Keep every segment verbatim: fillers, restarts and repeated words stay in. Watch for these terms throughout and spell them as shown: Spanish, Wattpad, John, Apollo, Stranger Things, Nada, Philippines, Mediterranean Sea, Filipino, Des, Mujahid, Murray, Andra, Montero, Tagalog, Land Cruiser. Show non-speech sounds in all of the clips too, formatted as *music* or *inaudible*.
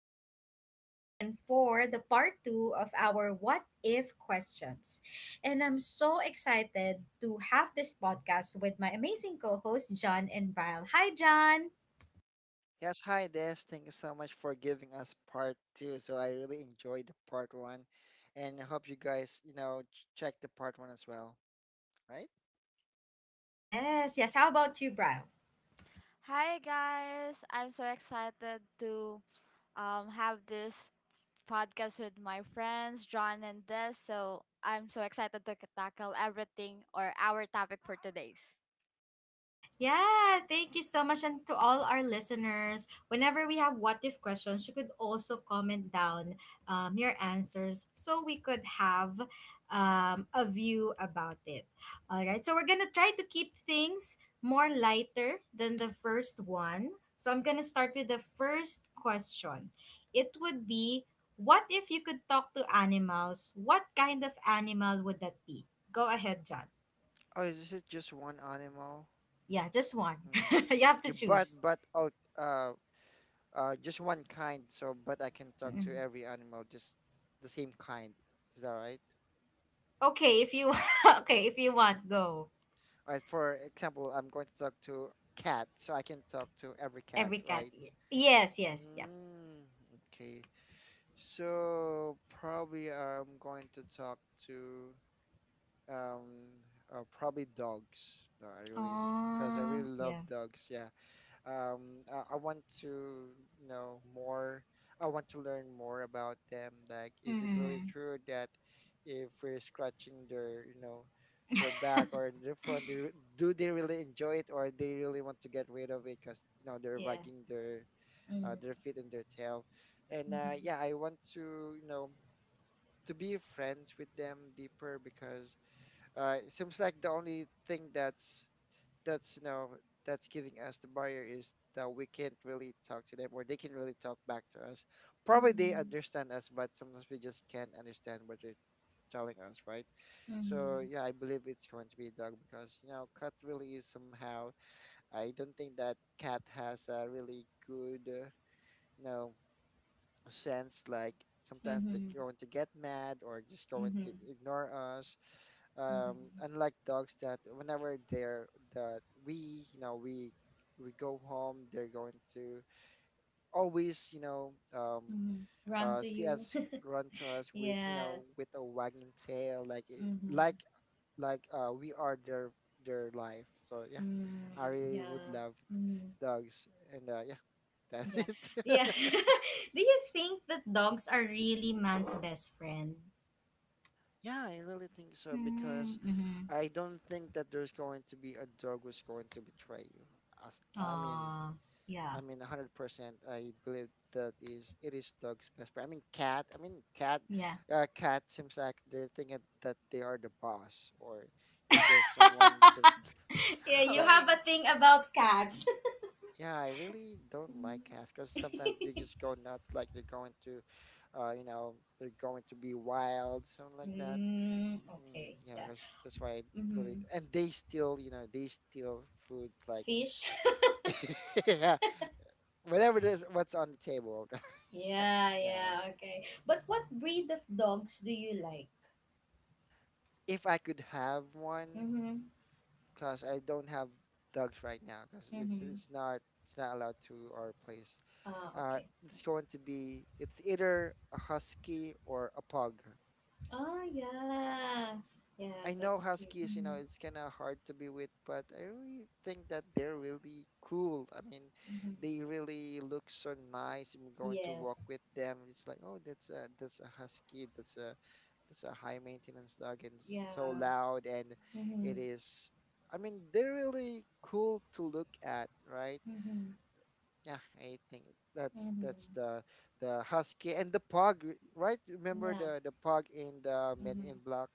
Des, and we're back again for the part two of our What If questions. And I'm so excited to have this podcast with my amazing co hosts, John and Brian. Hi, John! Yes, hi Des. Thank you so much for giving us part two. So I really enjoyed the part one, and I hope you guys, you know, ch- check the part one as well, right? Yes, yes. How about you, Brian? Hi guys, I'm so excited to um, have this podcast with my friends John and Des. So I'm so excited to tackle everything or our topic for today's. Yeah, thank you so much. And to all our listeners, whenever we have what if questions, you could also comment down um, your answers so we could have um, a view about it. All right, so we're going to try to keep things more lighter than the first one. So I'm going to start with the first question. It would be what if you could talk to animals? What kind of animal would that be? Go ahead, John. Oh, is it just one animal? Yeah, just one. Mm, *laughs* You have to okay, but choose. but oh, uh, uh, just one kind. So, but I can talk to Mm. every animal, just the same kind. Is that right? Okay, if you *laughs* okay, if you want, go. All right. For example, I'm going to talk to cat, so I can talk to every cat, Every cat. right? y- Yes, yes, yeah. Mm, okay. So probably I'm going to talk to um uh, probably dogs. No, I really because I Oh, really love yeah. dogs. Yeah. Um, I, I want to know more. I want to learn more about them. Like, is it really Mm-hmm. true that if we're scratching their, you know, their back or their front, they, re- do they really enjoy it, or they really want to get rid of it, because you know they're Yeah. wagging their uh, Mm-hmm. their feet and their tail. And uh, Mm-hmm. yeah, I want to, you know, to be friends with them deeper, because uh, it seems like the only thing that's that's you know that's giving us the barrier is that we can't really talk to them, or they can really talk back to us. Probably they understand us, but sometimes we just can't understand what they're telling us, right? So Mm-hmm. yeah, I believe it's going to be a dog because you know cat really is somehow. I don't think that cat has a really good uh, you know sense, like sometimes they're Mm-hmm. going to get mad or just going to Mm-hmm. ignore us um Mm-hmm. unlike dogs that whenever they're that we you know we we go home they're going to always you know um Mm-hmm. Run uh to see you. us, run to us *laughs* with you yeah. know with a wagging tail, like it- like Mm-hmm. like uh we are their their life. So yeah, Mm, I really would yeah. love Mm-hmm. dogs, and uh yeah, that's Yeah. it. Yeah. *laughs* *laughs* Do you think that dogs are really man's best friend? Yeah, I really think so, because Mm-hmm. I don't think that there's going to be a dog who's going to betray you. As, I mean, Oh, yeah, I mean, one hundred percent. I believe that is it is dog's best friend. I mean, cat. I mean, cat. yeah. Uh, cat seems like they're thinking that they are the boss, or you're just someone to, *laughs* Yeah, *laughs* you Oh, that. have a wait. thing about cats. *laughs* Yeah, I really don't like cats because sometimes they just go nuts, like they're going to, uh, you know, they're going to be wild, something like that. Mm, Mm, okay, yeah, yeah. that's, that's why I really. Mm-hmm. And they still you know, they steal food like Fish. *laughs* yeah, whatever it is, what's on the table. *laughs* *laughs* yeah, Yeah, yeah, okay. But what breed of dogs do you like? if I could have one, Mm-hmm. cause I don't have dogs right now, cause it's Mm-hmm. it's not it's not allowed to our place. Ah, Uh, okay. it's going to be it's either a husky or a pug. Oh, yeah. Yeah, I know that's cute. Huskies, you know, Mm-hmm. it's kind of hard to be with, but I really think that they're really cool. I mean, Mm-hmm. they really look so nice. We're going to walk Yes. with them. It's like, oh, that's a that's a Husky. That's a that's a high maintenance dog, and it's so Yeah. loud. And it Mm-hmm. is. I mean, they're really cool to look at, right? Mm-hmm. Yeah, I think that's that's Mm-hmm. the the Husky and the Pug, right? Remember Yeah. the the Pug in the Men Mm-hmm. in Black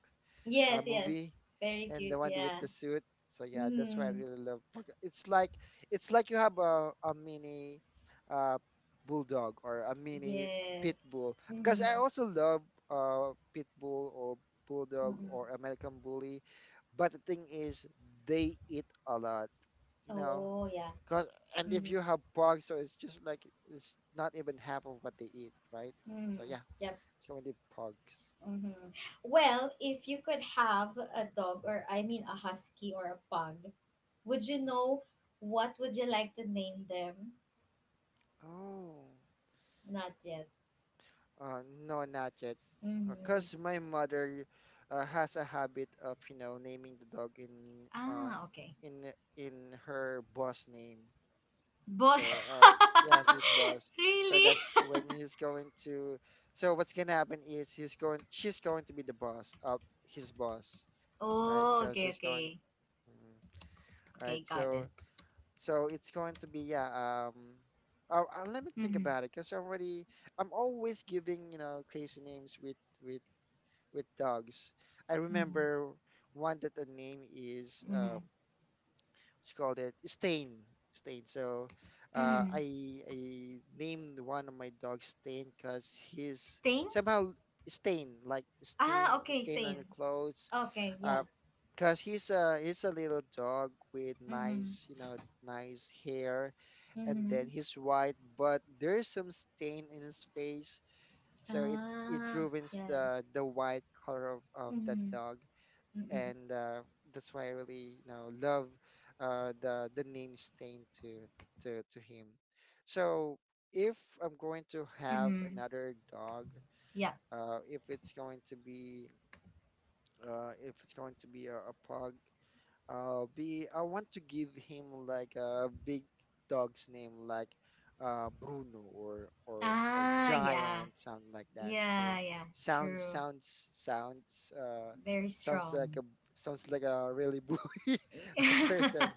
uh, Yes, yes. movie, Very and the cute, one with yeah. the suit? So yeah, that's why I Mm-hmm. really love Pokemon. It's like it's like you have a, a mini uh, bulldog or a mini pit Yes. bull. Because Mm-hmm. I also love uh, pit bull or bulldog Mm-hmm. or American bully, but the thing is they eat a lot, you know. Oh, yeah. Cause and if you Mm-hmm. have pug, so it's just like it's not even half of what they eat, right? Mm-hmm. So yeah, Yep. it's going to be pugs. Mm-hmm. Well, if you could have a dog, or I mean a husky or a pug, would you know what would you like to name them? Oh. Not yet. Uh, no, not yet. Mm-hmm. Because my mother uh, has a habit of, you know, naming the dog in uh, Ah, okay. in in her boss name. Boss. So uh, yes, his *laughs* boss. So really? that when he's going to, so what's gonna happen is he's going, she's going to be the boss of his boss, right? Oh, Because okay, he's going, okay. mm, right? Okay, got So it. so it's going to be yeah. Um, oh, uh, let me think Mm-hmm. about it. Because I'm already, I'm always giving you know crazy names with with with dogs. I Mm-hmm. remember one that the name is um, Mm-hmm. what called it Stain. Stain. So uh, Mm-hmm. I I named one of my dogs Stain because he's Stain? somehow stain, like Ah, stain okay, stain on stain. your clothes. Okay, Uh, yeah. because he's a he's a little dog with Mm-hmm. nice you know nice hair, and then Mm-hmm. he's white but there's some stain in his face, so it it Ah, ruins yeah. the the white color of, of that Mm-hmm. dog, Mm-mm. and uh, that's why I really you know love uh, the the name stain to to to him. So if I'm going to have Mm-hmm. another dog, Yeah. uh, if it's going to be uh, if it's going to be a, a pug, uh be I want to give him like a big dog's name like uh Bruno or or or Ah, yeah. Giant, something like that. So Yeah, yeah. sounds True. sounds sounds uh Very sounds like strong. a sounds like a really bully *laughs* a *laughs* person,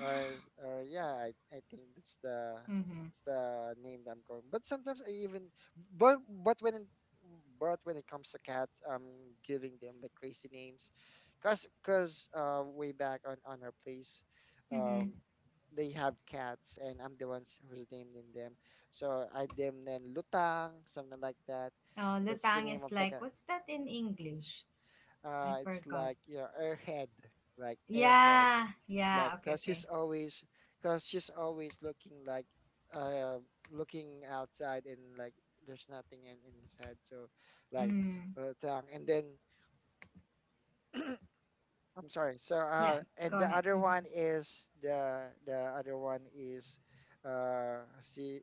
or or yeah, I, I think that's the mm-hmm. that's the name that I'm going. But sometimes I even but but when it, but when it comes to cats, I'm giving them the crazy names, cause cause uh, way back on on our place, um, Mm-hmm. they have cats, and I'm the ones who's naming them. So I named them Lutang, something like that. Oh, That's the lutang name of is the like, cat. what's that in English? I Uh, it's forgot. like you know, airhead, like airhead, Yeah. like Yeah. Okay, cause she's okay. always, cause she's always looking like, uh, looking outside, and like there's nothing in, in his head. So like Mm-hmm. Lutang, and then I'm sorry. So, Yeah. uh, and Go the ahead. other Mm-hmm. one is the the other one is, uh, see,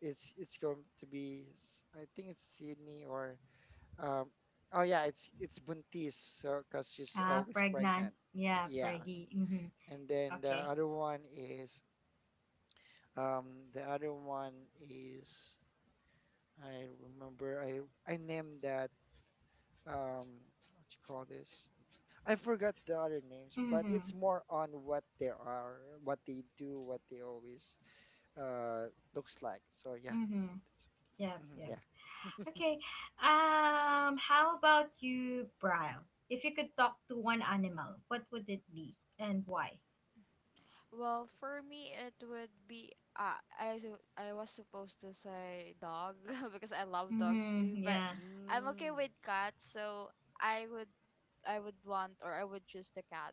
it's it's going to be, s- I think it's Sydney, or, um, oh yeah, it's it's Buntis. So, cause she's Ah, always pregnant. pregnant. Yeah, Yeah. preggy. Mm-hmm. And then the Okay. other one is, um, the other one is, I remember I I named that, um, what you call this? I forgot the other names, but Mm-hmm. it's more on what they are, what they do, what they always uh looks like. So yeah, Mm-hmm. that's, Yep, mhm, yep. yeah. Okay. Um, how about you, Brian? If you could talk to one animal, what would it be and why? Well, for me, it would be uh, I su- I was supposed to say dog *laughs* because I love dogs Mm-hmm. too, but Yeah. I'm okay Mm. with cats. So I would I would want, or I would choose the cat,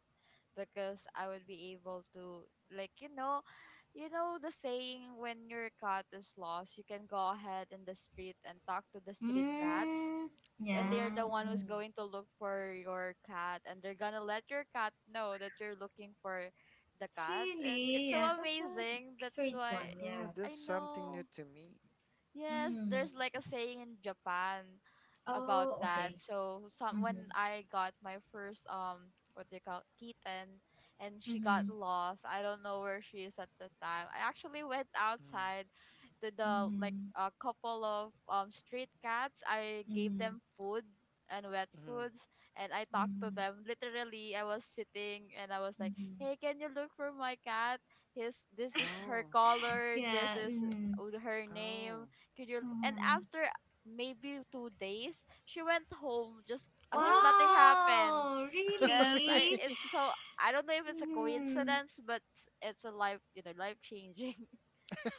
because I would be able to, like you know, you know the saying, when your cat is lost you can go ahead in the street and talk to the street cats Mm, s- and they're yeah. the one who's Oh. Mm. going to look for your cat, and they're gonna let your cat know that you're looking for the cat. And it's it's Really? so Yeah, that's a amazing, that's sweet why. one. Oh, Yeah. that's I something new know, to me. yes, Mm. there's like a saying in Japan about Oh, that. okay. So some, when Mm-hmm. I got my first um what do you call it, kitten, and she got Mm-hmm. lost. I don't know where she is at the time. I actually went Mm. outside to the, like, Mm-hmm. a couple of um street cats. I gave Mm-hmm. them food and wet Mm. foods, and I talked to Mm-hmm. them. Literally I was sitting and I was like, Mm-hmm. "Hey, can you look for my cat? His, this is her Oh. color, this Yeah. is Mm-hmm. uh, her Oh. name, could you," and Mm-hmm. after maybe two days, she went home just as if Oh. nothing happened. Wow. Yes, *laughs* I, Really? Really? it's so, I don't know if it's a Mm-hmm. coincidence, but it's a life, you know, life changing.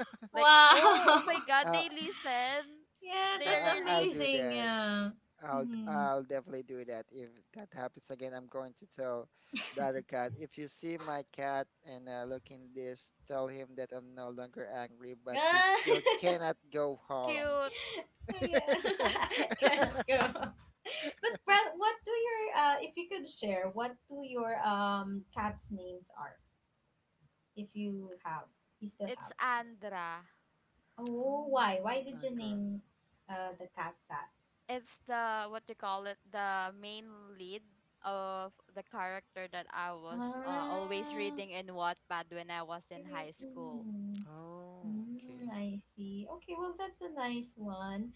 *laughs* Like, oh, oh my Wow. *laughs* god, Uh, they listen. Yeah, I, They are that's I- really, I'll really. do amazing. that. Yeah. I'll Mm-hmm. I'll definitely do that. If that happens again, I'm going to tell the other cat. If you see my cat and uh, looking this, tell him that I'm no longer angry, but he Ah, still *laughs* cannot go *laughs* home. Cute. oh yeah. *laughs* *laughs* Cannot go. But Brad, what do your uh, if you could share, what do your um cats' names are? If you have, you still It's have. Andra. Oh, why? Why Oh, did you Andra. name uh the cat that? It's the, what do you call it, the main lead of the character that I was uh, always Ah, reading in Wattpad when I was in really? high school. Mm. Oh, Mm, okay. I see. Okay, well that's a nice one.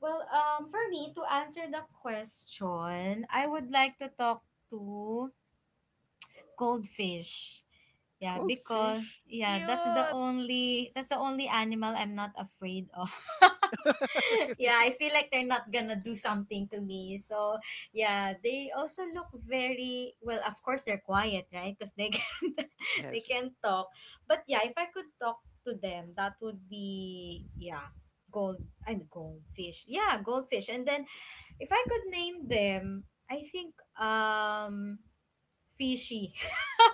Well, um, for me to answer the question, I would like to talk to cold fish. Yeah, Cold because fish? yeah, that's the Cute, only that's the only animal I'm not afraid of. *laughs* *laughs* yeah, I feel like they're not gonna do something to me. So yeah, they also look very well. Of course, they're quiet, right? Because they *laughs* can't they Yes. can't talk. But yeah, if I could talk to them, that would be yeah, gold and goldfish. Yeah, goldfish. And then if I could name them, I think um Fishy.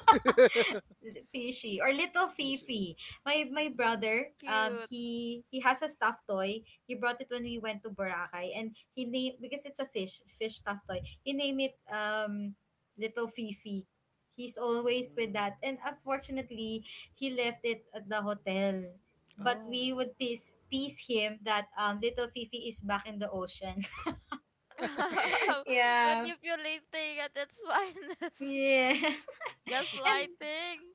*laughs* *laughs* Fishy or little Fish. Fifi. My my Mm. brother, um cute. he he has a stuffed toy. He brought it when we went to Boracay and he named because it's a fish, fish stuffed toy. He named it um little Fifi. He's always with Mm. that and unfortunately he left it at the hotel. But Oh. we would tease tease him that um little Fifi is back in the ocean. *laughs* *laughs* yeah. Manipulating at its finest. Yeah. *laughs* And Gaslighting.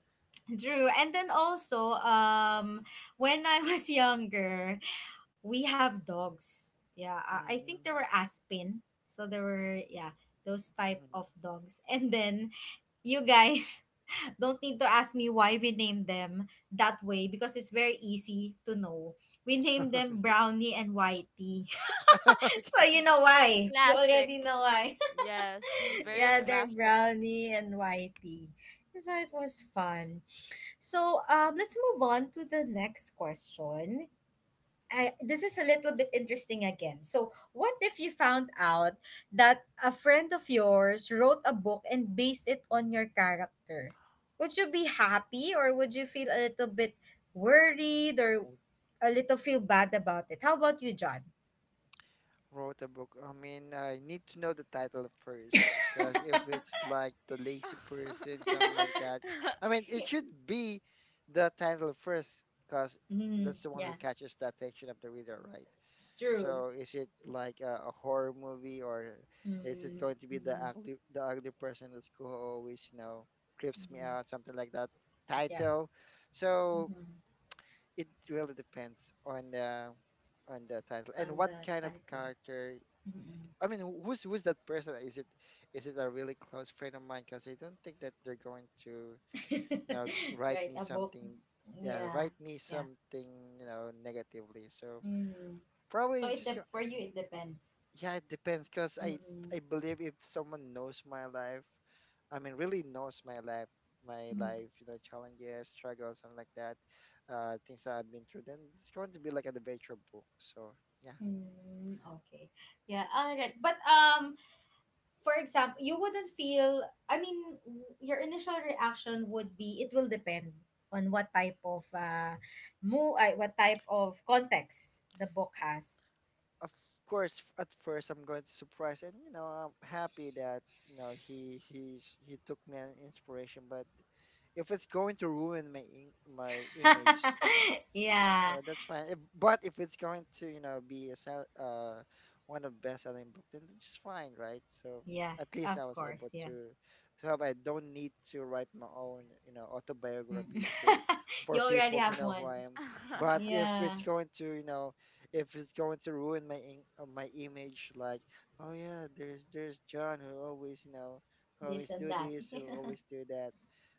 Drew, and then also, um, when I was *laughs* younger, we have dogs. Yeah, I, I Mm, think there were Aspen. So there were, yeah, those type mm. of dogs. And then you guys *laughs* don't need to ask me why we named them that way because it's very easy to know. We named them *laughs* Brownie and Whitey. *laughs* So you Okay. know why. You Classic. already know why. Yes, Mm, *laughs* very yeah, they're yes. classic. Brownie and Whitey. So it was fun. So um, let's move on to the next question. I, this is a little bit interesting again. So, what if you found out that a friend of yours wrote a book and based it on your character? Would you be happy or would you feel a little bit worried or a little feel bad about it? How about you, John? Wrote a book. I mean, I need to know the title first, because if it's like The Lazy Person, something like that, I mean, it *laughs* should be the title first, because Mm, that's the one who yeah, catches the attention of the reader, right? true. So, is it like a, a horror movie, or is it Mm, going to be the mm, ugly, the ugly person at school who always, you know, creeps me out, mm, something like that yeah, title? So, mm, it really depends on the on the title and on the what kind of title. character. Mm-mm. I mean, who- who's who's that person? Is it is it a really close friend of mine? Because I don't think that they're going to, you know, *laughs* write right, me a book. something. Yeah, Yeah, write me yeah. something, you know, negatively. So Mm. So probably it just go. dep for you it depends. Yeah, it depends. Because I Mm. I believe if someone knows my life, I mean, really knows my life, my Mm. life, you know, challenges, struggles, something like that, uh, things that I've been through, then it's going to be like an adventure book. So yeah, Mm. Okay. Yeah. All right. But um, for example, you wouldn't feel. I mean, w- your initial reaction would be it will depend on what type of uh, mo uh, what type of context the book has. of course f- at first I'm going to surprise, and you know I'm happy that you know he he's he took me an inspiration, but if it's going to ruin my im- my image *laughs* yeah. uh, that's fine. If, but if it's going to, you know, be a sell, uh, one of best-selling book, then it's fine, right? So Yeah. at least Of I was course. able Yeah. to to help. I don't need to write my own, you know, Mm. autobiography to *laughs* for you already people to have know who one. I am. But *laughs* if it's Yeah. going to, you know, if it's going to ruin my in, uh, my image, like, oh yeah, there's there's John who always, you know, who This always and do that. this, who *laughs* always do that.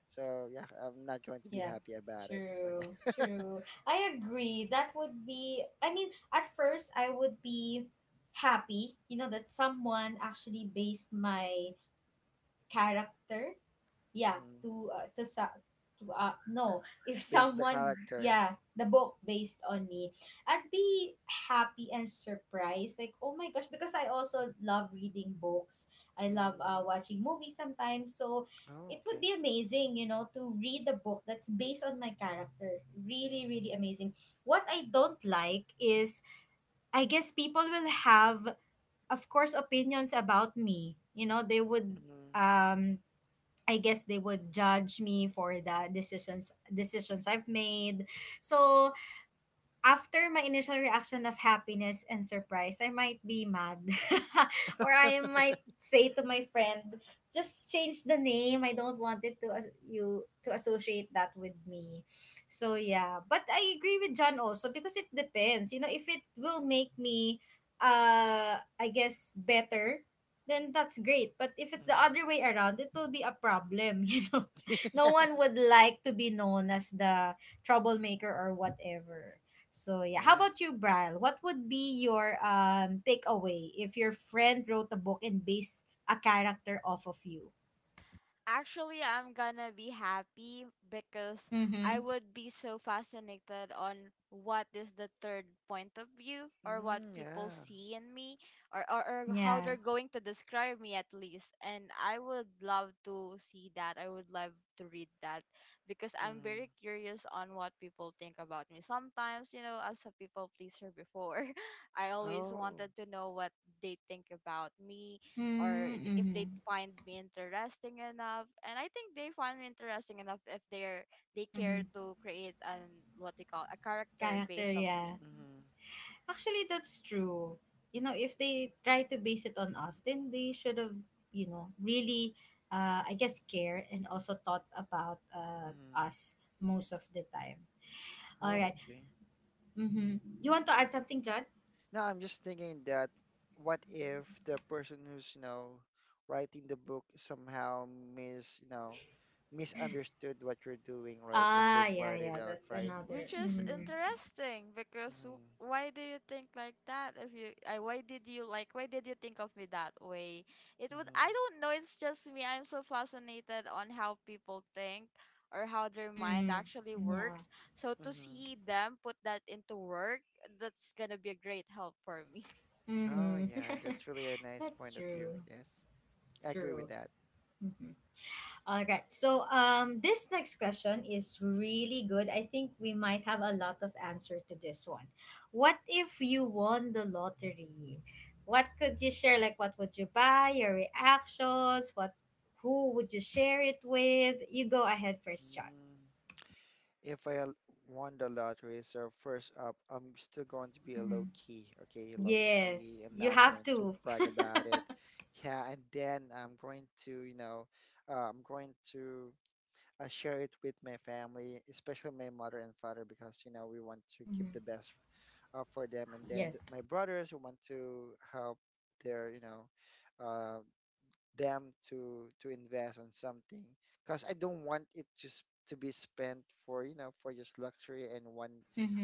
So yeah, I'm not going to be Yeah, happy about it. So yeah. true, true. I agree. That would be, I mean, at first I would be happy, you know, that someone actually based my character yeah *laughs* to uh, to sa to uh, no if *laughs* Based the someone character. yeah the book based on me, I'd be happy and surprised like, oh my gosh, because I also love reading books. I love uh, Mm. watching movies sometimes, so it Oh, would okay. be amazing, you know, to read a book that's based on my character, really, really amazing. What I don't like is I guess people will have, of course, opinions about me. You know, they would Mm-hmm. um I guess they would judge me for the decisions decisions I've made. So after my initial reaction of happiness and surprise, I might be mad. *laughs* Or I might say to my friend, just change the name. I don't want it to as- you to associate that with me. So yeah, but I agree with John also because it depends. You know, if it will make me uh I guess better, then that's great. But if it's the Mm-hmm. other way around, it will be a problem, *laughs* you know. *laughs* No one would like to be known as the troublemaker or whatever. So yeah, how about Yes. you, Brian? What would be your um takeaway if your friend wrote a book and based a character off of you? Actually, I'm gonna be happy because I Mm-hmm. would be so fascinated on what is the third point of view, or what Mm. people Yeah. see in me, or, or, or how Yeah. they're going to describe me at least. And I would love to see that. I would love to read that because I'm very Mm-hmm. curious on what people think about me. Sometimes, you know, as a people pleaser before, *laughs* I always Oh. wanted to know what they think about me, or th- if they Mm-hmm. find me interesting enough. And I think they find me interesting enough if they're, they care Mm-hmm. to create an, what they call, a character Character, based of me. yeah. Mm-hmm. Actually, that's true. You know, if they try to base it on us, then they should have, you know, really, uh, I guess, care and also thought about uh, Mm-hmm. us most of the time. All Oh, right. okay. Mm-hmm. You want to add something, John? Now I'm just thinking that what if the person who's, you know, writing the book somehow mis, you know, misunderstood what you're doing, right? And then Ah, yeah, write it yeah. out, That's right? another. Which is Mhm. interesting, because w- Mm-hmm. why do you think like that? If you uh, why did you, like, why did you think of me that way? It would, Mm-hmm. I don't know, it's just me, I'm so fascinated on how people think or how their mind Mm, actually yeah. works, so to Mm-hmm. see them put that into work, that's gonna be a great help for me. Oh, Hmm. yeah, that's really a *laughs* nice That's point of view. true. Yes. It's I agree with true. that. Mhm. All right. So um this next question is really good. I think we might have a lot of answer to this one. What if you won the lottery? What could you share? Like what would you buy? Your reactions? What who would you share it with? You go ahead first, John. if I l- won the lottery, so first up, I'm still going to be a Hmm. low key, okay? Low key. Yes. I'm You not have going to to. brag about it. Yeah, and then I'm going to, you know, uh, I'm going to uh, share it with my family, especially my mother and father, because, you know, we want *laughs* to Hmm. give the best uh, for them. And then th- Yes. my brothers who want to help their, you know, uh, them to to invest on something because I don't want it just to be spent for you know for just luxury and one.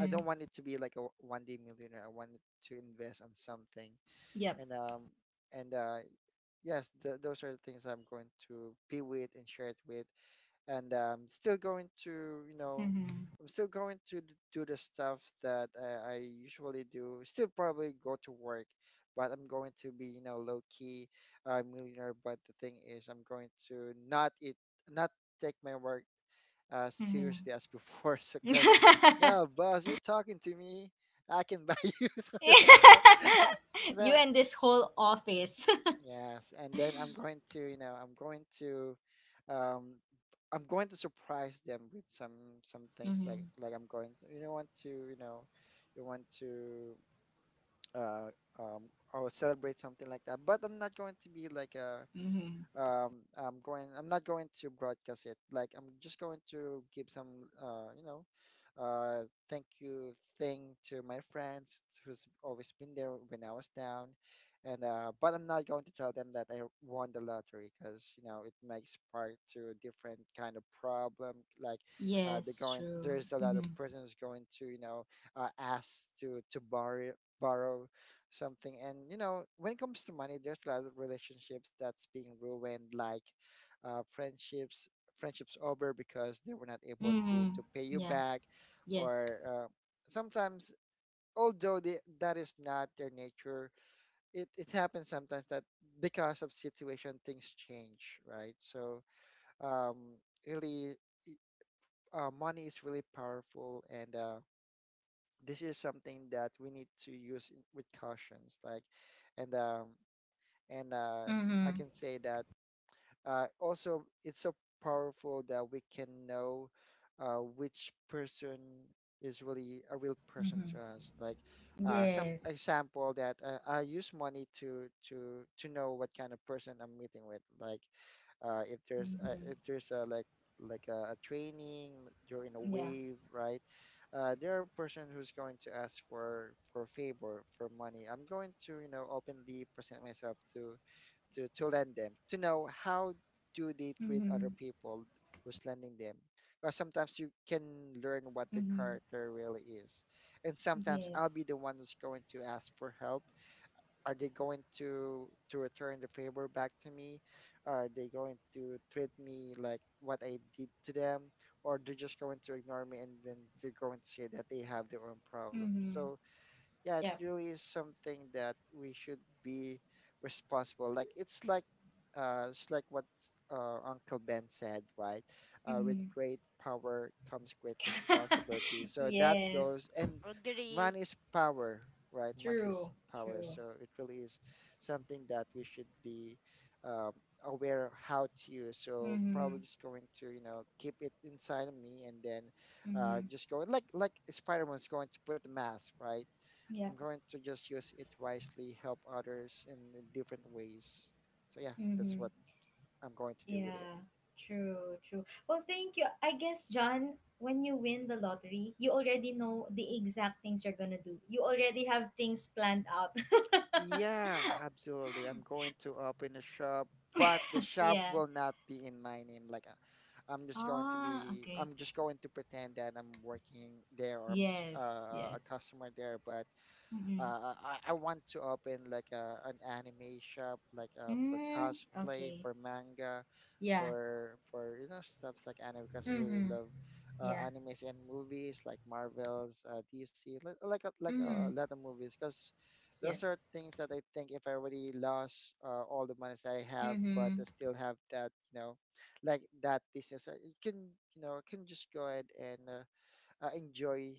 I don't want it to be like a one day millionaire. I want it to invest on something, Yep. and um and uh yes, th those are the things I'm going to be with and share it with. And um, still going to you know Hmm. I'm still going to d- do the stuff that I, I usually do, still probably go to work, but I'm going to be you know low key, uh, millionaire. But the thing is, I'm going to not eat not take my work as Hmm. seriously as before. *laughs* So because now, *laughs* boss, you're talking to me, I can buy *laughs* you something like that. You No. and this whole office. *laughs* Yes, and then I'm going to, you know, I'm going to, um, I'm going to surprise them with some some things, like Mm-hmm. like I'm going to, you know, want to, you know, you want to, uh, um, or celebrate something like that. But I'm not going to be like a, Mm-hmm. um i'm going I'm not going to broadcast it, like I'm just going to give some uh you know uh thank you thing to my friends who's always been there when I was down, and uh but I'm not going to tell them that I won the lottery, because you know it makes part to a different kind of problem, like uh they're Yes, going true. there's a lot Mm-hmm. of persons going to you know uh ask to to borrow borrow something. And you know, when it comes to money, there's a lot of relationships that's being ruined, like uh, friendships, friendships over because they were not able to Mm-hmm. to pay you Yeah. back, Yes. or uh, sometimes, although they, that is not their nature, it it happens sometimes that because of situation, things change, right? So um, really, uh, money is really powerful, and Uh, this is something that we need to use in- with cautions like, and um, And uh, I Mm-hmm. can say that uh, also it's so powerful that we can know uh, which person is really a real person to Mm-hmm. us. Like, uh, some Yes. example that uh, I use money to to to know what kind of person I'm meeting with. Like, uh, if there's uh, Mm-hmm. if there's a like like a, a training, you're in a Yeah. wave, right? uh, there are person who's going to ask for for favor for money. I'm going to you know openly present myself to to, to lend them to know how do they treat other Mm-hmm. people who's lending them, because sometimes you can learn what their Mm-hmm. character really is. And sometimes I'll be Yes. the one who's going to ask for help. Are they going to to return the favor back to me? Are they going to treat me like what I did to them, or they're just going to ignore me, and then they're going to say that they have their own problems? Mm-hmm. So yeah, it Yep. really is something that we should be responsible. Like it's like uh it's like what uh Uncle Ben said, right? Uh with Mm-hmm. great power comes great responsibility. *laughs* So that yes. goes, and Agree. money is power, right? Money is True. power. True. So it really is something that we should be um aware of how to use. So Mm-hmm. probably just going to, you know, keep it inside of me, and then uh Mm-hmm. just going, like like Spider-Man's going to put the mask, right? I'm Yep. going to just use it wisely, help others in different ways. So yeah, that's Mm-hmm. what I'm going to do with it. Yeah, true, true. Well, thank you. I guess, John, when you win the lottery, you already know the exact things you're gonna do. You already have things planned out. Yeah, absolutely. I'm going to open a shop, but the *laughs* shop yeah. will not be in my name. Like, uh, I'm just going to Ah, be, okay. I'm just going to pretend that I'm working there, or I'm just Yes, uh, a yes. customer there, but Mm-hmm. Uh, I, I want to open like a, an anime shop, like, uh, for Mm, cosplay, okay. for manga, Yeah. for for you know stuff like anime, because I really Mm-hmm. love uh, Yeah. animes and movies like Marvels, uh, D C, like like a, like a Mm-hmm. lot of movies, because those are Yes. things that I think if I already lost uh, all the monies I have, but Mm-hmm. I still have that, you know like that business, uh, you can you know can just go ahead, and. Uh, uh, enjoy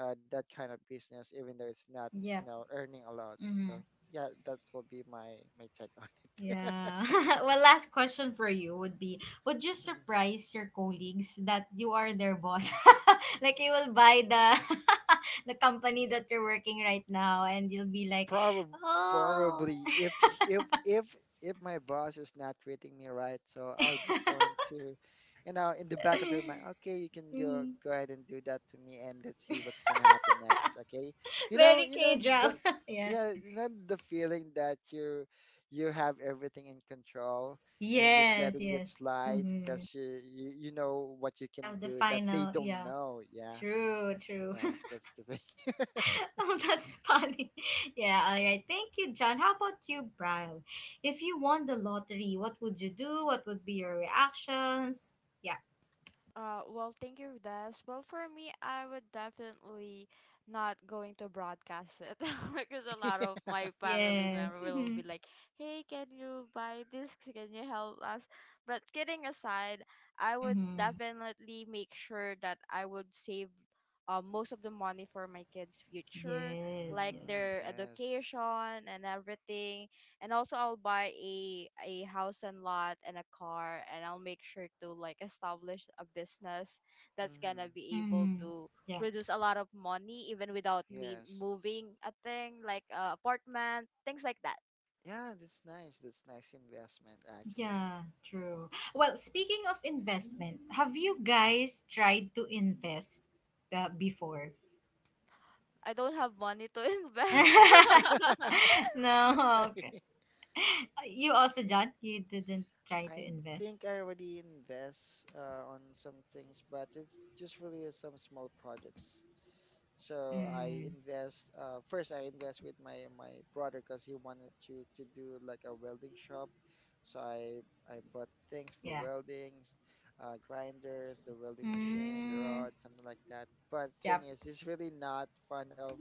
uh, that kind of business, even though it's not, you Yep. know, earning a lot. Mm-hmm. So yeah, that will be my my take on it. Yeah. *laughs* well, last question for you would be would you *laughs* surprise your colleagues that you are their boss? *laughs* like, you will buy the. *laughs* The company that you're working right now and you'll be like, Probably, oh, probably if if if if my boss is not treating me right, so I'll just go into, you know, in the back of your mind, okay, you can go mm, go ahead and do that to me, and let's see what's gonna happen next. Okay, you know, very you know k the. drama. *laughs* Yeah, Yeah, you know the feeling that you you have everything in control, and you're just yes, letting it yes, slide, mm-hmm. because you, you you know what you You can have the do that they final, don't yeah, know. Yeah, true, true. yeah, that's the thing. *laughs* *laughs* Oh, that's funny. *laughs* Yeah, all right. Thank you, John. How about you, Brian? If you won the lottery, what would you do? What would be your reactions? Yeah. Uh, well, thank you, Des. Well, for me, I would definitely not going to broadcast it *laughs* because a lot of my family Yes. member will Mm-hmm. be like, "Hey, can you buy this? Can you help us?" But kidding aside, I would Mm-hmm. definitely make sure that I would save uh, most of the money for my kids' future, Yes, like yes. Mm, their yes. education and everything. And also, I'll buy a a house and lot and a car, and I'll make sure to, like, establish a business that's gonna Mhm. be able Mm-hmm. to Yeah. produce a lot of money even without me Yes. moving a thing, like a apartment, things like that. Yeah, that's nice. That's nice investment actually. Yeah, true. Well, speaking of investment, have you guys tried to invest uh, before? I don't have money to *laughs* invest. *laughs* *laughs* No, okay. *laughs* You also, John, you didn't try to I invest? think I already invest uh, on some things, but it's just really some small projects. So I Mm. invest uh, first I invest with my my brother, because he wanted to to do like a welding shop. So I I bought things for Yeah. weldings, uh, grinders, the welding machine, the Mm, rod, something like that. But yep. thing is, he's really not fond of.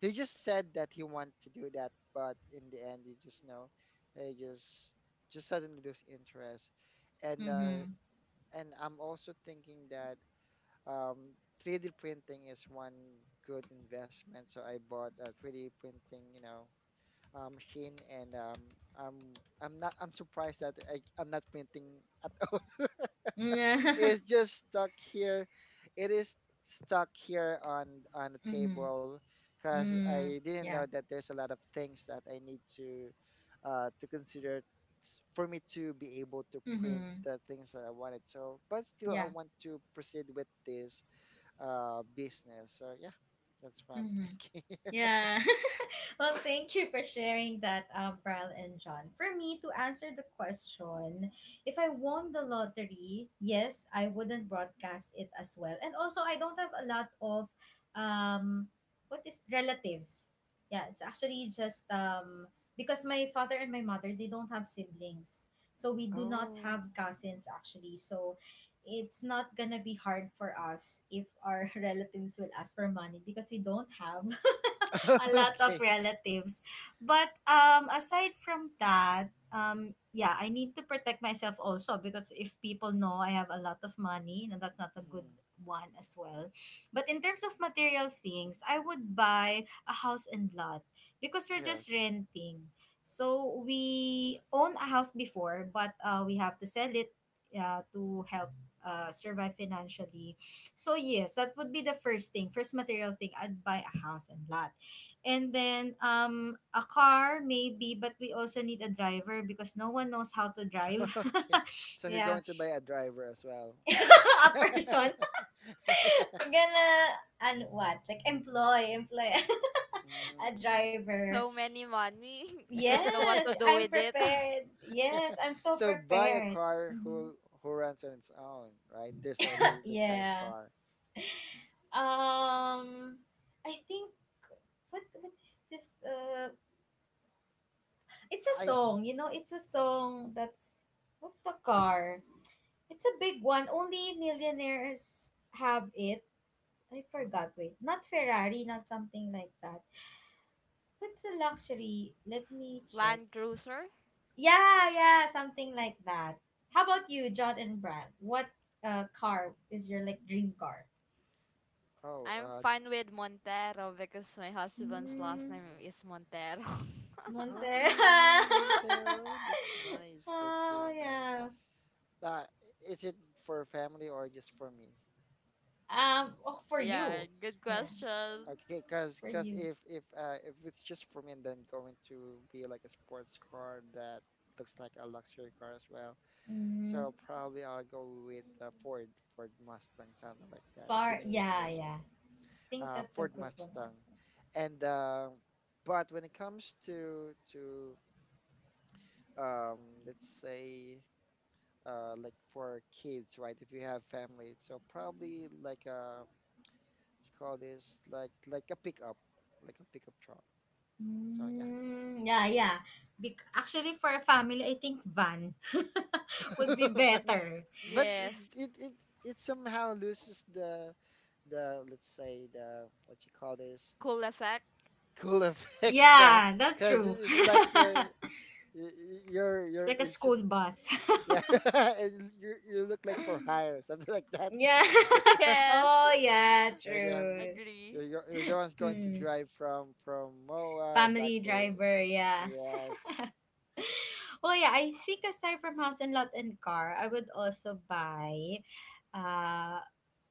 He just said that he wanted to do that, but in the end, he just you know, he just just suddenly lose interest, and uh, Mhm. and I'm also thinking that um, three D printing is one good investment. So I bought a three D printing, you know, uh, machine, and um, I'm I'm not, I'm surprised that I, I'm not printing at all. *laughs* Mhm. It's just stuck here. It is stuck here on on the *laughs* table, because Mm. I didn't know Yeah. that there's a lot of things that I need to uh, to consider for me to be able to print Mhm. the things that I wanted. So, but still, I Yeah. want to proceed with this uh business. So yeah, that's what I'm Mhm. thinking. *laughs* Yeah. *laughs* Well, thank you for sharing that, um, Pral and John. For me, to answer the question, if I won the lottery, yes, I wouldn't broadcast it as well. And also, I don't have a lot of, um, what is relatives. Yeah, it's actually just um because my father and my mother they don't have siblings, so we do not Oh. have cousins actually. So it's not gonna be hard for us if our *laughs* relatives will ask for money because we don't have *laughs* a *laughs* lot of Okay. relatives. But um, aside from that, um, yeah, I need to protect myself also because if people know I have a lot of money, you know, that's not a good Hmm. one as well. But in terms of material things, I would buy a house and lot because we're just Yes. renting. So we own a house before, but uh, we have to sell it uh, to help uh, survive financially. So yes, that would be the first thing. First material thing, I'd buy a house and lot and then um a car maybe, but we also need a driver because no one knows how to drive, *laughs* Okay. *laughs* So you're yeah. going to buy a driver as well. *laughs* A person. *laughs* *laughs* We're gonna, and what, like, employ employ *laughs* a Mm, So driver. many money. *laughs* Don't know what to Yes, do yeah. I'm with it. *laughs* prepared. Yes, *laughs* I'm so So buy a prepared. car Mhm. who who runs on its own, right? There's already the kind of Yeah. car. um I think, what what is this? Uh it's a I. song, you know, it's a Mhm. song that's, what's the car? It's a big one. Only millionaires have it. I Oh. forgot. Wait, not Ferrari, not something like that. What's a luxury? Let me check. Land Cruiser. Yeah, yeah, something like that. How about you, Mhm. John and Brad? What uh, car is your like dream car? Oh, I'm uh d- fine with Montero because my husband's last Mm, name oh, is Montero. oh, Montero. really, *laughs* Montero? That's *laughs* nice. That's Oh really nice. yeah. Uh, is it for family or just for me? Um. Oh, for Yeah, you. good Yeah, question. Okay, cause, for cause you. if if uh, if it's just for me, and then going to be like a sports car that looks like a luxury car as well, Mm, so probably I'll go with uh, Ford Ford Mustang, something like that, the far. newest Yeah, version, yeah. I think uh, that's a Ford good one Mustang, also. and uh, but when it comes to to um, let's say, uh, like, for kids, right? If you have family, so probably like a. It's called this, like like a pickup, like a pickup truck. So Mm, yeah, yeah. Bec- actually, for a family, I think van *laughs* yeah, would be *laughs* but, better. but it, Yes. it it it somehow loses the the let's say, the, what you call this, Cool effect. cool effect. *laughs* Yeah, Yeah, that's because true. *laughs* it's like you're It's y- y- you're you're like a it's, school bus. *laughs* yeah, *laughs* and you you look like for hire, *laughs* something like that. Yeah. *laughs* *laughs* *laughs* Yes. Oh, yeah, Right? You're you're the ones true. you're, Agree. you're you're the ones going to Hmm. drive from from Moa back Family to. driver, yeah. Yes. Oh, yeah, I think aside from house and lot and car, I would also buy uh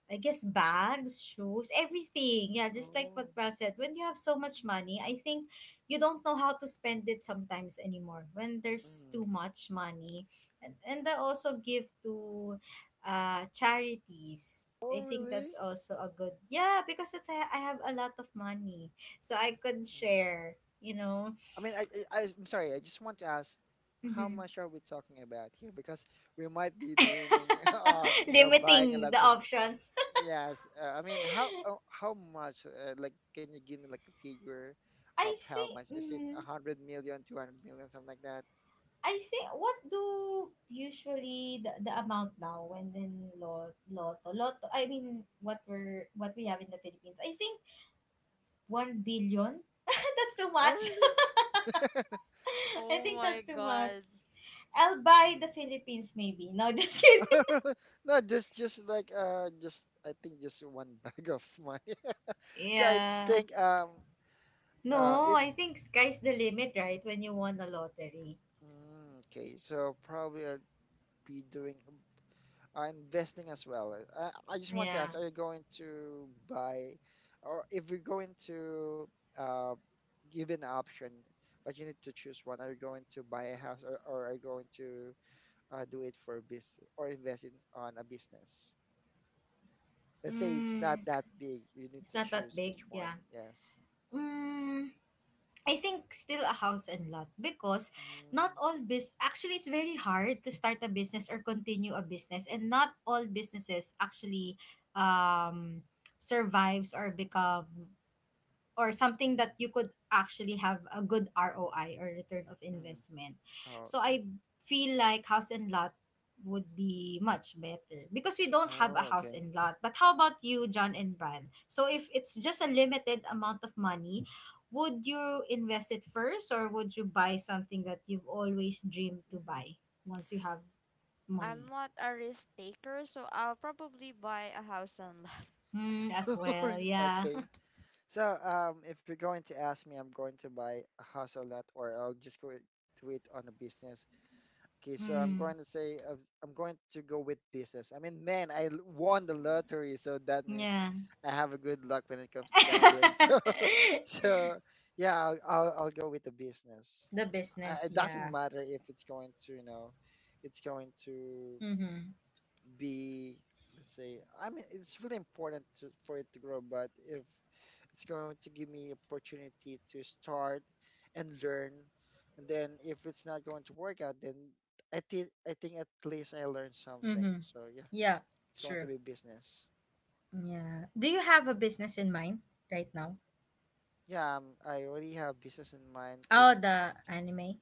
I guess bags, shoes, everything. Yeah, just like Oh. what Pal said, when you have so much money, I think you don't know how to spend it sometimes anymore. When there's Mhm. too much money, and and I also give to, uh, charities. Oh I think that's really? also a good, yeah, because it's, I, I have a lot of money, so I could Mm. share. You know, I mean, I, I, I- I'm sorry. I just want to ask, how hmm. much are we talking about here? Because we might be dreaming *laughs* of, *laughs* you know, buying a Limiting lot the of. options. Yes, uh, I mean, how uh, how much? Uh, like, can you give me like a figure of I how think. much? Is it Mm, a hundred million, two hundred million, something like that? I think what do usually the, the amount now when in lot lotto lotto, I mean what we're, what we have in the Philippines, I think one billion. *laughs* That's too Oh, much. really? *laughs* S- I Oh think my that's too much. god. I'll buy the Philippines, maybe no. *laughs* Just mm. kidding. *laughs* No, just just like uh, just I think just one *laughs* bag of money. *laughs* So I Yeah, think um uh no, if I think sky's the limit, right, when you won the lottery. mm, okay, so probably I'll be doing. Uh, investing as well. Uh, I just want to Yeah. ask, are you going to buy, or if you're going to uh, give an option, but you need to choose one, are you going to buy a house, or, or are you going to uh, do it for business, or invest in on a business? Let's say it's not Mm, that big, you need it's to not that choose big, which one. yeah. Yes. Mm, I think still a house and lot because not Mm, all bus actually it's very hard to start a business or continue a business, and not all businesses actually um survives or become or something mm, that you could actually have a good R O I or return of mm. investment. Oh, So okay. I feel like house and lot would be much better because we don't have a Oh, house and lot. But how about you, John and Brian? So if it's just a limited amount of money, would you invest it first or would you buy something that you've always dreamed to Mhm. buy once you have I'm money? not a risk taker, so I'll probably buy a house and lot. *laughs* Mm, as okay. well, *laughs* yeah. Okay. *laughs* So, um, if you're going to ask me, I'm going to buy a house or lot, or I'll just go to it on a business. Okay, so I'm Mm, going to say I I'm going to go with business. I mean, man, I l- won the lottery, so that means yeah. I have a good luck when it comes to gambling. *laughs* *laughs* So, so yeah, I'll I'll, I'll go with the business. The I, business, it doesn't yeah. matter if it's going to, you know, it's going to Mm-hmm. be, let's say, i mean it's really important to, for it to grow, but if it's going to give me opportunity to start and learn, and then if it's not going to work out, then i think i think at least I learned something. Mm-hmm. So yeah, Yeah, it's going to true. be business. Yeah. Do you have a business in mind right now? Yeah, um, I already have business in mind. It Oh, the anime.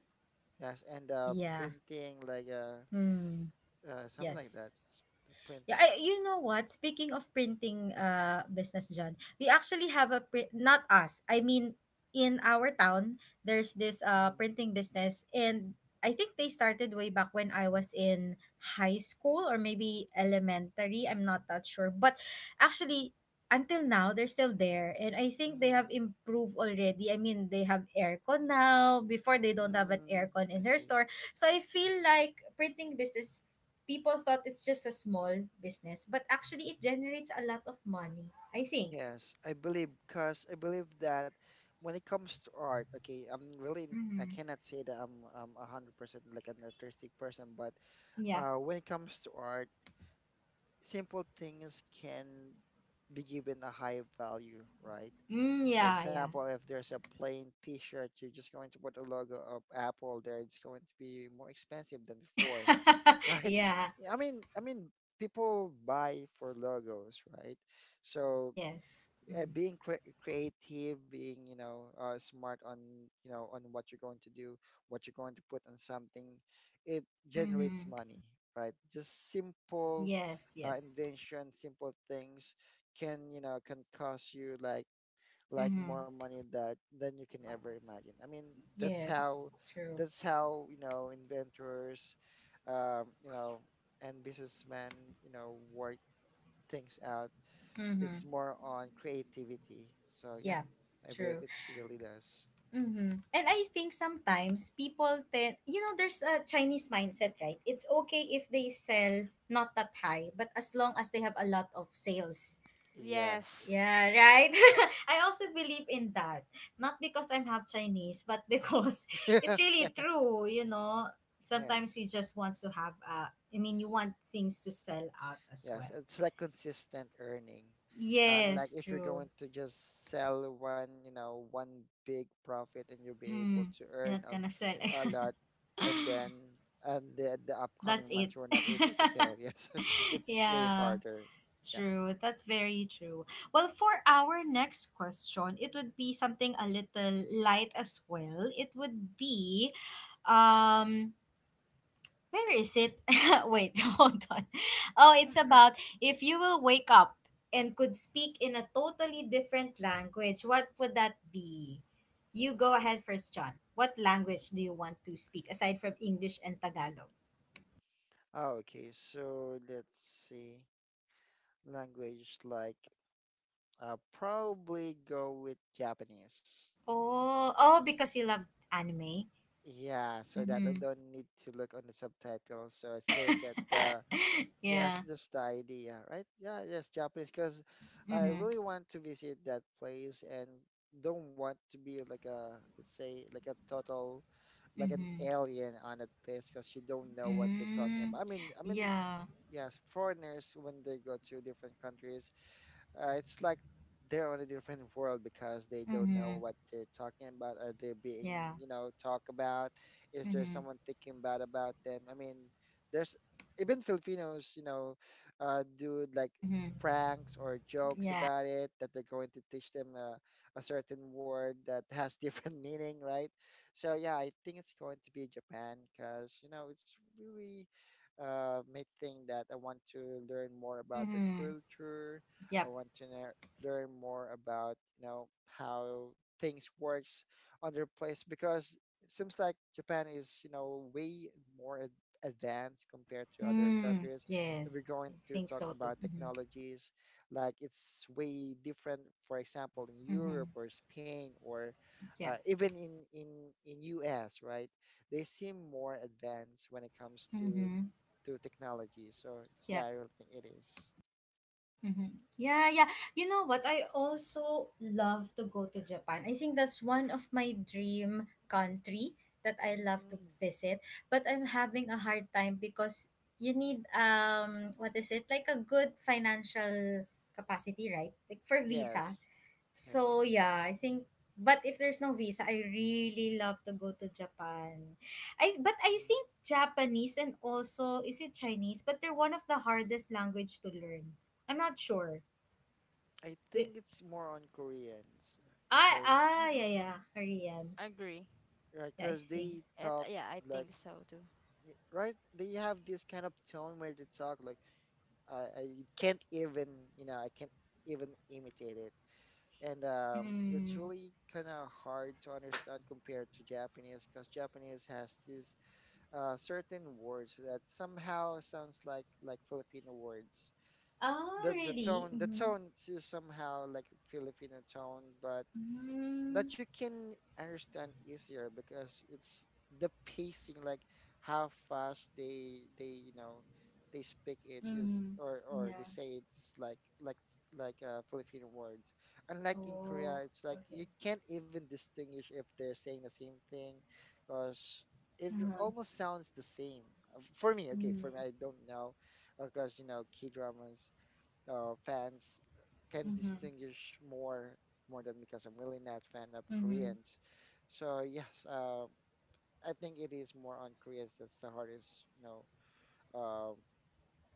Yes, and uh Yeah. printing, like, uh, Hmm. uh something like Yes. that, just the Yeah, I, printings. you know what? Speaking of printing uh business, John, we actually have a print. Not us. I mean, in our town, there's this uh mm-hmm. printing business, and I think they started way back when I was in high school or maybe elementary. I'm not that sure, but actually. Until now, they're still there, and I think they Mm-hmm. have improved already. I mean, they have aircon now. Before, they don't have an mm aircon I in their see. store, so I feel like printing business, people thought it's just a small business, but actually it generates a lot of money, I think. Yes, I believe, because I believe that when it comes to art, okay, I'm really, I Mm-hmm. cannot say that I'm I'm a hundred percent like an artistic person, but Yeah. uh, when it comes to art, simple things can be given a high value, right? Mm, For yeah, yeah. example, if there's a plain T-shirt, you're just going to put a logo of Apple there. It's going to be more expensive than before, *laughs* *laughs* right? Yeah. I mean, I mean, people buy for logos, right? So Yes. yeah, being cre- creative, being, you know uh, smart on, you know, on what you're going to do, what you're going to put on something, it generates Mm-hmm. money, right? Just simple Yes, uh, yes. invention, simple things can, you know, can cost you like like Mm-hmm. more money that than you can ever imagine. I mean, that's Yes. how True. that's how you know inventors, um, you know, and businessmen, you know, work things out. Mm-hmm. It's more on creativity. So yeah, Yeah. I believe True. it really does. Mm-hmm. And I think sometimes people tend, you know, there's a Chinese mindset, right? It's okay if they sell not that high, but as long as they have a lot of sales. Yes. Yes. Yeah, right. *laughs* I also believe in that. Not because I'm half Chinese, but because *laughs* it's *laughs* really Yeah. true, you know. Sometimes Yes. you just want to have uh I mean you want things to sell out as Yes. well. It's like consistent earning. Uh, Unlike Yes, if you're true. going to just sell one, you know, one big profit and you'll be able Mm, to you're earn not a, gonna sell. a *laughs* lot, and then and the, the That's upcoming month it. you're not able to sell. Yes. *laughs* *laughs* It's way Yeah, harder. Yeah. true. That's very true. Well, for our next question, it would be something a little light as well. It would be um where is it? *laughs* Wait, *laughs* hold on. Oh, it's about if you will wake up and could speak in a totally different language, what would that be? You go ahead first, John. What language do you want to speak aside from English and Tagalog? Ah, Okay, so let's see. Language, like, I'll probably go with Japanese. Oh, oh, because you love anime. Yeah, so that Mm-hmm. I don't need to look on the subtitles, so I still *laughs* get the, yes, Yeah. that's the idea, right? Yeah, yes, Japanese, because I Mm-hmm. really want to visit that place and don't want to be like, a let's say, like a total, like an Mm-hmm. alien on a place, because you don't know what you're talking Mm-hmm. about. I mean, I mean, Yeah. yes, foreigners when they go to different countries, uh, it's like they're on a different world because they don't know Mm-hmm. what they're talking about. Are they being, Yeah. you know, talk about? Is there Mm-hmm. someone thinking bad about them? I mean, there's even Filipinos, you know, uh, do like Mm-hmm. pranks or jokes Yeah. about it, that they're going to teach them uh, a certain word that has different *laughs* meaning, right? So yeah, I think it's going to be Japan because, you know, it's really uh, made thing that I want to learn more about their Mm-hmm. culture. Yep. I want to know, learn more about, you know, how things works on their place, because it seems like Japan is, you know, way more ad- advanced compared to other Hmm. countries. If we're Yes, I going to think talk so too. about Mm-hmm. technologies, like, it's way different, for example, in Mm-hmm. Europe or Spain, or Yeah. uh, even in, in, in U S, right? They seem more advanced when it comes to Mm-hmm. to technology. So Yeah. yeah, I really think it is. Mm-hmm. Yeah, yeah. You know what? I also love to go to Japan. I think that's one of my dream country that I love to Mm. visit. But I'm having a hard time because you need um what is it? Like a good financial capacity, right? Like for visa. Yes, So yes. yeah, I think, but if there's no visa, I really love to go to Japan. I But I Mm. think Japanese and also is it Chinese, but they're one of the hardest language to learn. I'm not sure. I Wait, think it's more on Koreans, I because, ah yeah Mm-mm. yeah, Koreans. Agree. right, Yeah, I 'cause think. they It, talk yeah, I like, think so too. y- right, they have this kind of tone where they talk like, I, I can't even, you know, I can't even imitate it. And um, it's Mm. really kind of hard to understand compared to Japanese, because Japanese has these uh, certain words that somehow sounds like like Filipino words. Ah, the the tone, really? the Mm-hmm. tone is somehow like Filipino tone, but Mm-hmm. that you can understand easier because it's the pacing, like how fast they they you know they speak it is, Mm-hmm. or or they Yeah. say it's like like like uh, Filipino words. Unlike in Korea, Oh, it's like you okay. can't even distinguish if they're saying the same thing, because it Uh-huh. almost sounds the same. Uh, for me. Okay, Mm-hmm. for me, I don't know because, you know, K dramas uh, fans can distinguish more more than because I'm really not fan of Mm-hmm. Koreans. So yes, uh, I think it is more on Koreans that's the hardest, you know,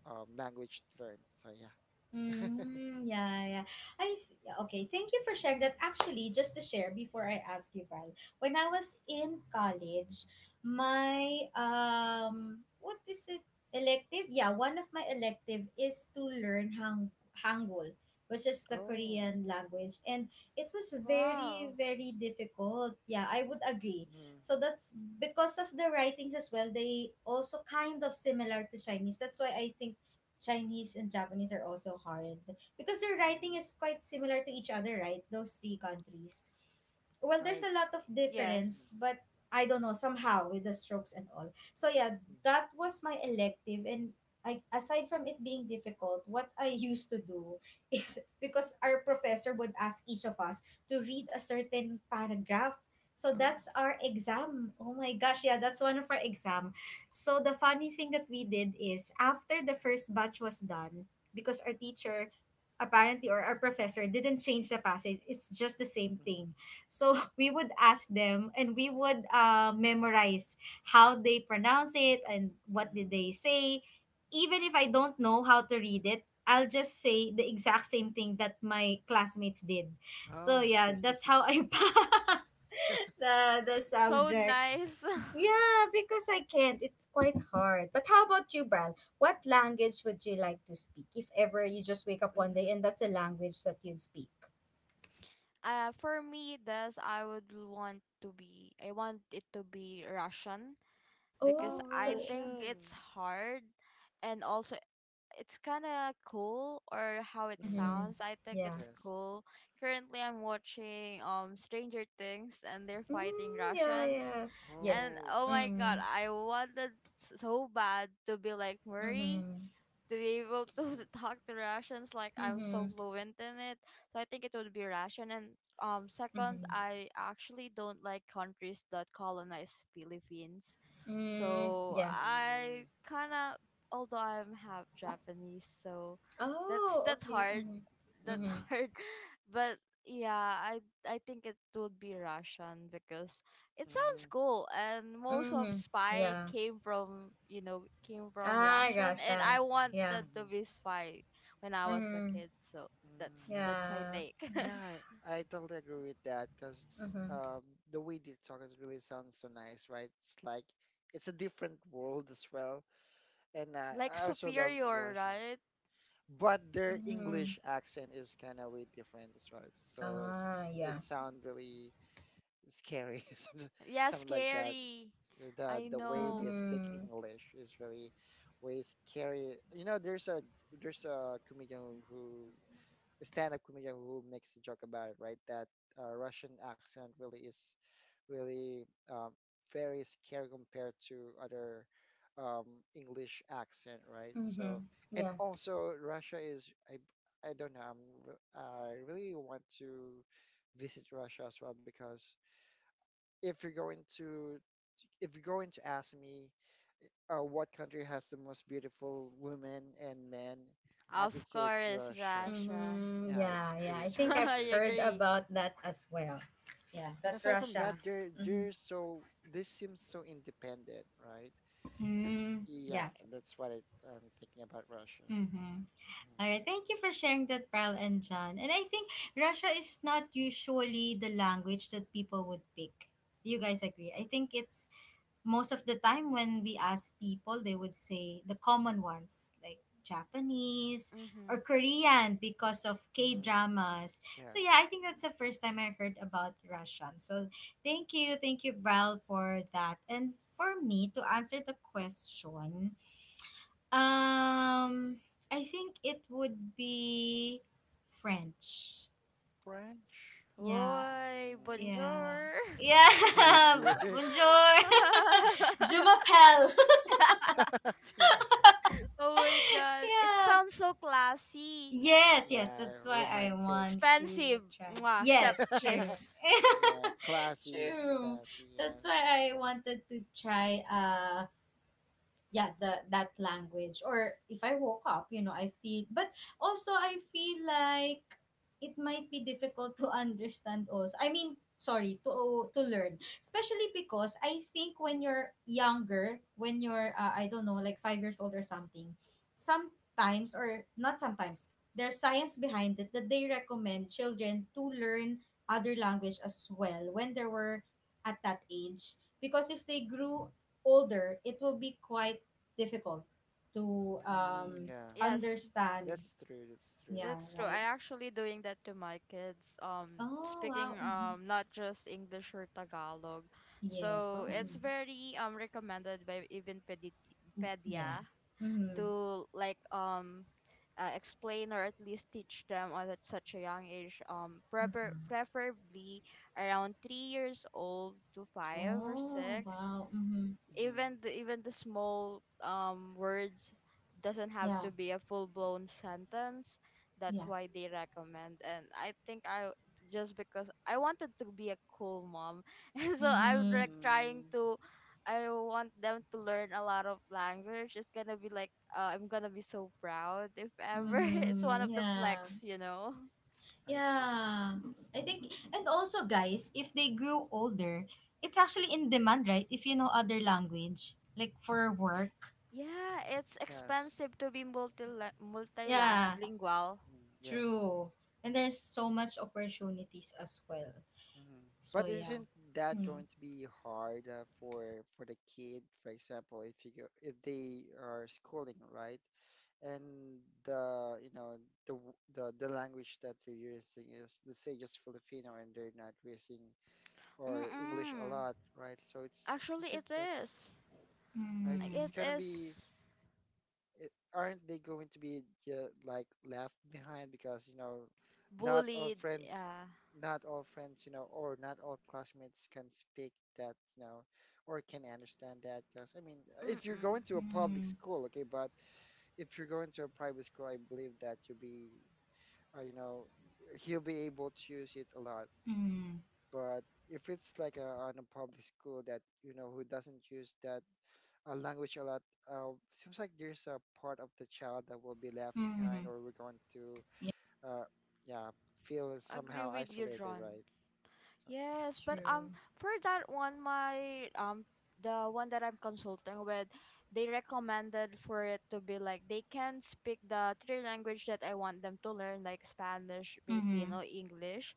uh, um, language to learn. So yeah. Mm, yeah, yeah. I s- yeah, okay. Thank you for sharing that. Actually, just to share before I ask you, Bri, when I was in college, my um, what is it? Elective? Yeah, one of my elective is to learn Hang Hangul, which is the Oh, Korean language, and it was very, Wow. very difficult. Yeah, I would agree. mm, So that's because of the writings as well. They also kind of similar to Chinese. That's why I think Chinese and Japanese are also hard because their mm, writing is quite similar to each other, right? Those three countries. Well, I, there's a lot of mm, difference, Yes. but I don't know, somehow with the strokes and all. So yeah, mm, that was my elective, and I, aside from it being difficult, what I *laughs* used to do is *laughs* because our professor would ask each of us to read a certain paragraph. So oh, that's our exam. Oh my gosh, yeah, that's one of our exam, so the funny thing that we did is after the first batch was done, because our teacher apparently or our professor didn't change the passage, it's just the same mm, thing. So *laughs* we would ask them and we would uh, memorize how they pronounce it and what did mm, they say. Even if I don't know how to read it, I'll just say the exact same thing that my classmates did. So Oh, yeah, okay. that's how I *laughs* passed the the So subject. nice. *laughs* Yeah, because I can't. It's quite hard. But how about you, Bral? What language would you like to speak if ever you just wake up one day and Mm-hmm. that's the language that you'd speak? Uh, for me, this, I would want to be. I want it to be Russian *laughs* because Oh. Oh, I think Russian. it's hard, and also it's kind of cool, or how it Mm, Mm-hmm. sounds. I think Yeah. it's yes. cool. Currently, I'm watching um Stranger Things, and they're fighting Mm, yeah, Russians, yeah. and Yes. Oh, oh okay. my god, Mm-hmm. I wanted s- so bad to be like Murray, Mm-hmm. to be able to Mm, *laughs* talk to Russians like I'm so Mm-hmm. fluent in it. So I think it would be Russian. And um second, Mm-hmm. I actually don't like countries that colonize Philippines. Mm, So yeah. I mm, kinda, although I'm half Japanese, so that's Oh, that's okay. hard. Mm-hmm. That's Mm-hmm. mm, *laughs* hard. But yeah, I I think it would be Russian because it sounds mm, cool, and most of Mm-hmm. spy Yeah. came from, you know, came from Ah, Russian, and I gotcha. Yeah. wanted to Hmm. be spy when I Yeah. was a Mm-hmm. kid, so mm, that's Yeah. that's my Yeah. take. Mm-hmm. Yeah, I totally agree with that because, Mm-hmm. um, the way they talk is really sounds so nice, right? It's like it's a different world as well, and *laughs* uh, Like I also love superior, Russia, right? but their Mm-hmm. English accent is kind of way different as well. So s- Ah, yeah. it sounds really scary, *laughs* something Yeah, something like that. scary. The I the way know. they speak Mhm. English is really way scary. You know, there's a there's a comedian who, stand-up comedian, who makes a joke about it, right? That uh, Russian accent really is really, um, very scary compared to other um, English accent, right? So, Mhm. and Yeah. also Russia is, I I don't know. I'm, re- I really want to visit Russia as well, because if you're going to, if you're going to ask me uh, what country has the most beautiful women and men, I Of could say it's course, Russia. Russia. Mhm. Yeah, it's, Yeah, yeah. it I *laughs* is think I I've Russia. heard agree. about that as well. Yeah, And that aside from that, Russia. they're they're Mhm. so, this seems so independent, right? Mm, Yeah, yeah. that's what it, I'm thinking about Russia. Mhm. All right. Thank you for sharing that, Pearl and John. And I think Russia is not usually the language that people would pick. Do you guys agree? I think it's most of the time when we ask people they would say the common ones like Japanese or Mhm. Korean because of K mm-hmm. hmm dramas, so yeah, I yes. think that's the first time I heard about Russian. So thank you, thank you, Bral, for that. And for me to answer the question, um I think it would be French. French. Yeah. Oi, mm, Yeah bonjour. *laughs* *laughs* which yeah you *laughs* *laughs* okay. bonjour. *laughs* Je *laughs* m'appelle. Oh my god, it Yeah. sounds so classy. Yes, yes. Yeah, That's why I romantic. want to Expensive. try. It. Mwah, chef Yes, *laughs* true. kiss. Yeah, *laughs* classy, True. classy, yes. That's why I wanted to try uh yeah the that language, or if I woke up, you know, I feel, but also I feel like it might be difficult to understand, also I mean sorry, to to learn, especially because I think when you're younger, when you're uh, I don't know, like five years old or something, sometimes or not sometimes, there's science behind it that they recommend children to learn other language as well when they were at that age, because if they grew older, it will be quite difficult to mm, um, Yeah, Yes, understand. that's true, that's true. Yeah, that's true. I right. actually doing that to my kids. Um Oh, Speaking wow. Mm-hmm. um not just English or Tagalog. Yes. So Oh. it's Mm-hmm. very um recommended by even pedi- Yeah. pedia Mm-hmm. to, like, um uh, explain or at least teach them on at such a young age, um prefer- Mm-hmm. preferably around three years old to five or Oh, six, wow. Mm-hmm. mm-hmm. even the, even the small um words. Doesn't have Yeah. to be a full blown sentence. That's Yeah. why they recommend, and I think I just because I wanted to be a cool mom, *laughs* and so I'm, Mm-hmm. like, trying to. I want them to learn a lot of language. It's gonna be like, uh, I'm gonna be so proud if ever. mm-hmm. *laughs* It's one Mm-hmm. of the Yeah. flex, you know. I see. Yeah. I think, and also, guys, if they grew older, it's actually in demand, right? If you know other language, like for work. Yeah, it's Yes. expensive to be multi Yeah. multilingual. Mm, yes. True. And there's so much opportunities as well. Mhm. But So isn't yeah. that going Mm. to be hard uh, for for the kid, for example, if you go, if they are schooling, right? And the, you know, the w- the the language that they are using is, let's say, just Filipino, and they're not using or English a Mm-mm. lot, right? So it's, Actually, isn't it that, is. right? It's It Mm. gonna be is. it, aren't they going to be ju- like left behind, because you know, not all Bullied. friends Yeah. not all friends, you know, or not all classmates can speak that, you know, or can understand that, because I mean, if you're going Mm-mm. to a public Mm. school, okay, but if you're going to a private school, I believe that you'll be uh, you know, he'll be able to use it a lot, Mm. but if it's like a, on a public school that, you know, who doesn't use that uh, language a lot. Uh, seems like there's a part of the child that will be left behind, Mm. or we're going to, Yeah. uh, yeah, feel Agree somehow with you, isolated, John. right? So, Yes, but um True. for that one, my um the one that I'm consulting with, they recommended for it to be like they can speak the three language that I want them to learn, like Spanish, Mm-hmm. Filipino, English,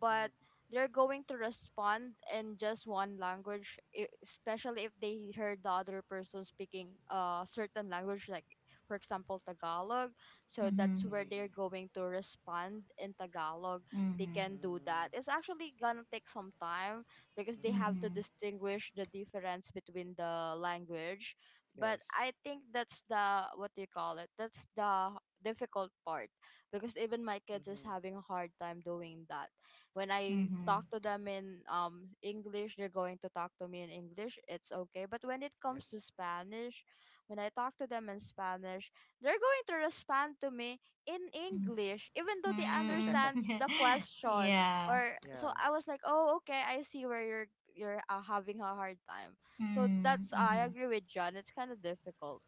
but Mm-hmm. they're going to respond in just one language, e- especially if they heard the other person speaking a certain language, like, for example, Tagalog. So that's Mm-hmm. where Mm-hmm. they're going to respond in Tagalog, they Mm-hmm. can do that. It's Mm-hmm. actually gonna take some time because they Hmm. have to Mm-hmm. distinguish the difference between the language. But Yes. I think that's the, what do you call it, that's the difficult part, because even my kids is Mm-hmm. having a hard time doing that. When I Mm-hmm. talk to them in um English, they're going to talk to me in English. It's okay. But when it comes Yes. to Spanish, when I talk to them in Spanish, they're going to respond to me in English, even though they *laughs* Yeah. Mm. understand the *laughs* question. yeah. Or so Yeah. I was like, oh, okay, I see where you're you're uh, having a hard time. So Mm. that's, I Mm-hmm. agree with John. It's kind of difficult.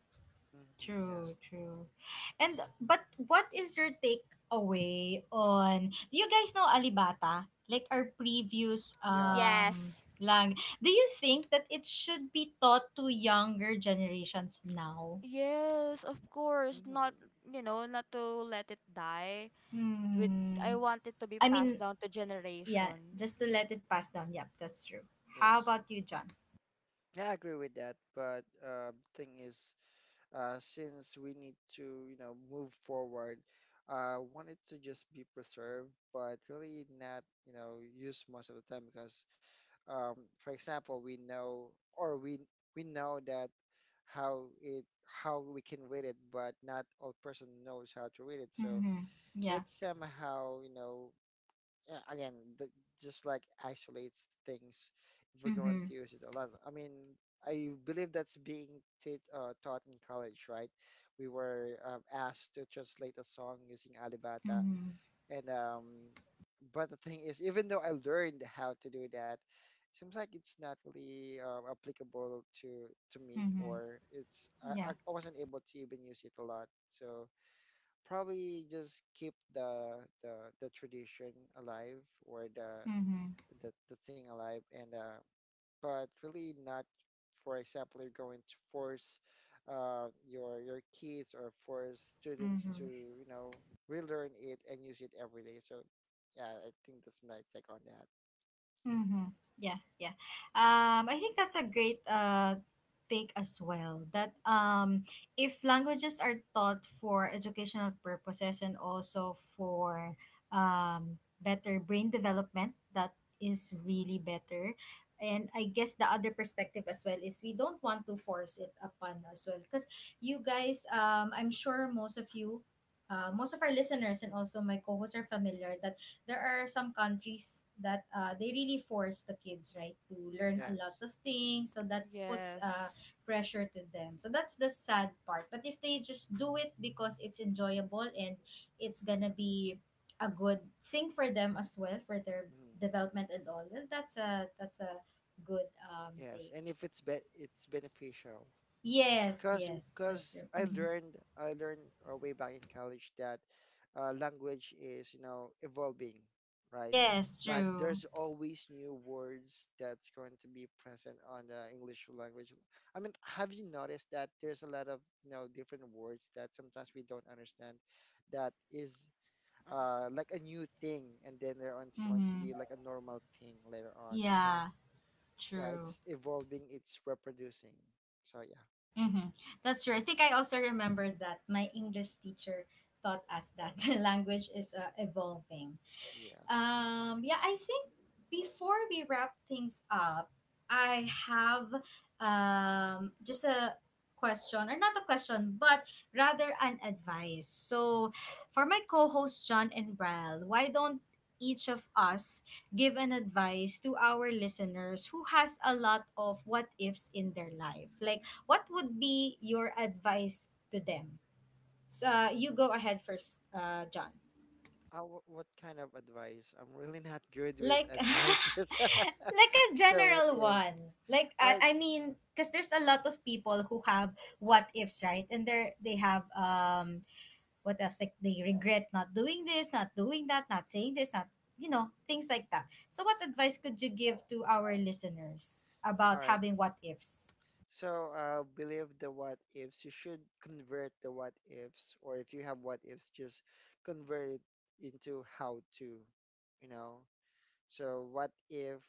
Mm-hmm. Yeah. True, true. And but what is your takeaway on do you guys know Alibata? Like our previous Yeah. um Yes. lang. Do you think that it should be taught to younger generations now? Yes, of course. Not, Mm-hmm. you know, not to let it die. With, I Hmm. want it to be I passed mean, down to yeah, generation. just to let it pass down. Yep, that's true. How Yes. about you, John? Yeah, I agree with that. But uh, the thing is, uh, since we need to, you know, move forward, uh, want it to just be preserved, but really not, you know, used most of the time because, um, for example, we know or we we know that how it, how we can read it, but not all person knows how to read it. So Mm-hmm. Yeah. it's somehow, you know, yeah, again, that just like isolates things if we're going Mm-hmm. to use it a lot. I mean, I believe that's being t uh, taught in college, right? We were um, asked to translate a song using Alibata, Mm-hmm. and um, but the thing is, even though I learned how to do that, it seems like it's not really uh, applicable to to me, Mm-hmm. or it's, I, I Yeah. I wasn't able to even use it a lot. So probably just keep the the the tradition alive, or the Mm-hmm. the, the thing alive, and uh but really not, for example, you're going to force uh your your kids or force students to, Mm-hmm. you know, relearn it and use it every day. So yeah, I think that's my take on that. Mm-hmm. Yeah, yeah. Um, I think that's a great uh take as well. That um, If languages are taught for educational purposes and also for um better brain development, that is Mhm. really better. And I guess the other perspective as well is we don't want to force it upon as well because you guys, um, I'm sure most of you. Uh, most of our listeners and also my co-hosts are familiar that there are some countries that uh, they really force the kids, right, to learn a lot Yes. of things, so that puts uh, Yes. pressure to them. So that's the sad part, but if they just do it because it's enjoyable, and it's gonna be a good thing for them as well for their Mhm. development and all, well, that's a that's a good um Yes, take. and if it's be- it's beneficial, Yes, cause yes, that's cause true. I Hmm. learned I learned uh, way back in college that uh, language is, you know, evolving, right? Yes, Like true. there's always new words that's going to be present on the English language. I mean, have you noticed that there's a lot of, you know, different words that sometimes we don't understand, that is Uh, uh like a new thing, and then later on it's going to Mm-hmm. be like a normal thing later on. So Yeah, yeah, true. it's evolving, it's reproducing. So yeah, Mm-hmm. That's true. I think I also remember that my English teacher taught us that *laughs* language is uh, evolving. yes. Um, yeah, I think before we wrap things up, I have um, just a question, or not a question, but rather an advice. So, for my co host John and Brel, why don't each of us give an advice to our listeners who has a lot of what ifs in their life? Like, what would be your advice to them? So, uh, you go ahead first, uh, John. Uh, wh- what kind of advice? I'm really not good with Like *laughs* advices. *laughs* like a So what general ifs? one, like All right, i, I mean, because there's a lot of people who have what ifs, right, and they they have um what else, like they regret not doing this, not doing that, not saying this, not, you know, things like that. So what advice could you give to our listeners all about right. having what ifs? So uh, believe the what ifs. You should convert the what ifs, or if you have what ifs, just convert it into how to, you know. So what if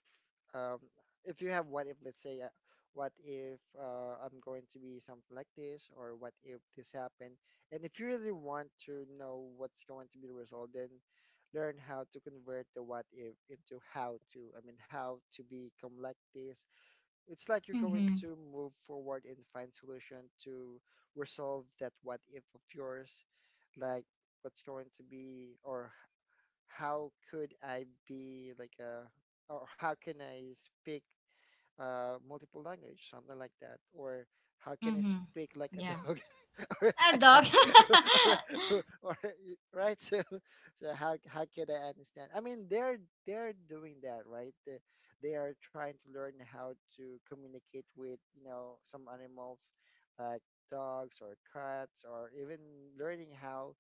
um if you have what if, let's say, uh, what if, uh, I'm going to be something like this, or what if this happened? And if you really want to know what's going to be the result, then learn how to convert the what if into how to. I mean, how to become like this. It's like you're going Mm-hmm. to move forward and find solution to resolve that what if of yours, like what's going to be, or how could I be like a, or how can I speak uh, multiple language, something like that. Or how can I Mm-hmm. speak like a Yeah, dog *laughs* or a a cat? dog. *laughs* *laughs* or, or, or, right? So, so how how can I understand? I mean, they're they're doing that, right? They, they are trying to learn how to communicate with, you know, some animals like dogs or cats, or even learning how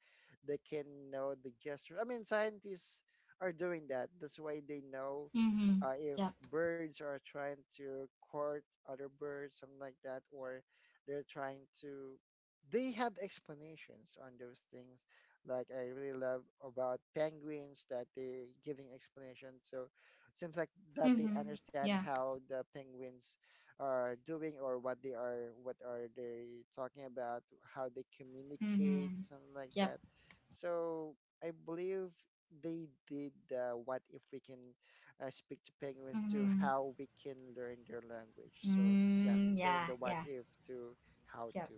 they can know the gesture. I mean, scientists are doing that. That's why they know Mm-hmm. uh, if Yep. birds are trying to court other birds, something like that, or they're trying to, they have explanations on those things. Like I really love about penguins that they're giving explanations. So it seems like that they Mm-hmm. understand Yeah. how the penguins are doing, or what they are, what are they talking about, how they communicate, Mm-hmm. something like Yep. that. So I believe they did uh, what if we can uh, speak to penguins, to Mm-hmm. how we can learn their language. So yes, Mm, turn yeah, the what yeah, if to how yep, to.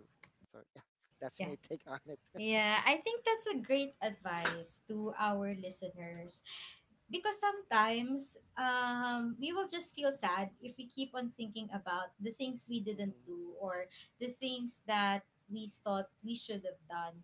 So yeah, *laughs* that's yeah, my take on it. *laughs* yeah. I think that's a great advice to our listeners, because sometimes um, we will just feel sad if we keep on thinking about the things we didn't Mm-hmm. do or the things that we thought we should have done.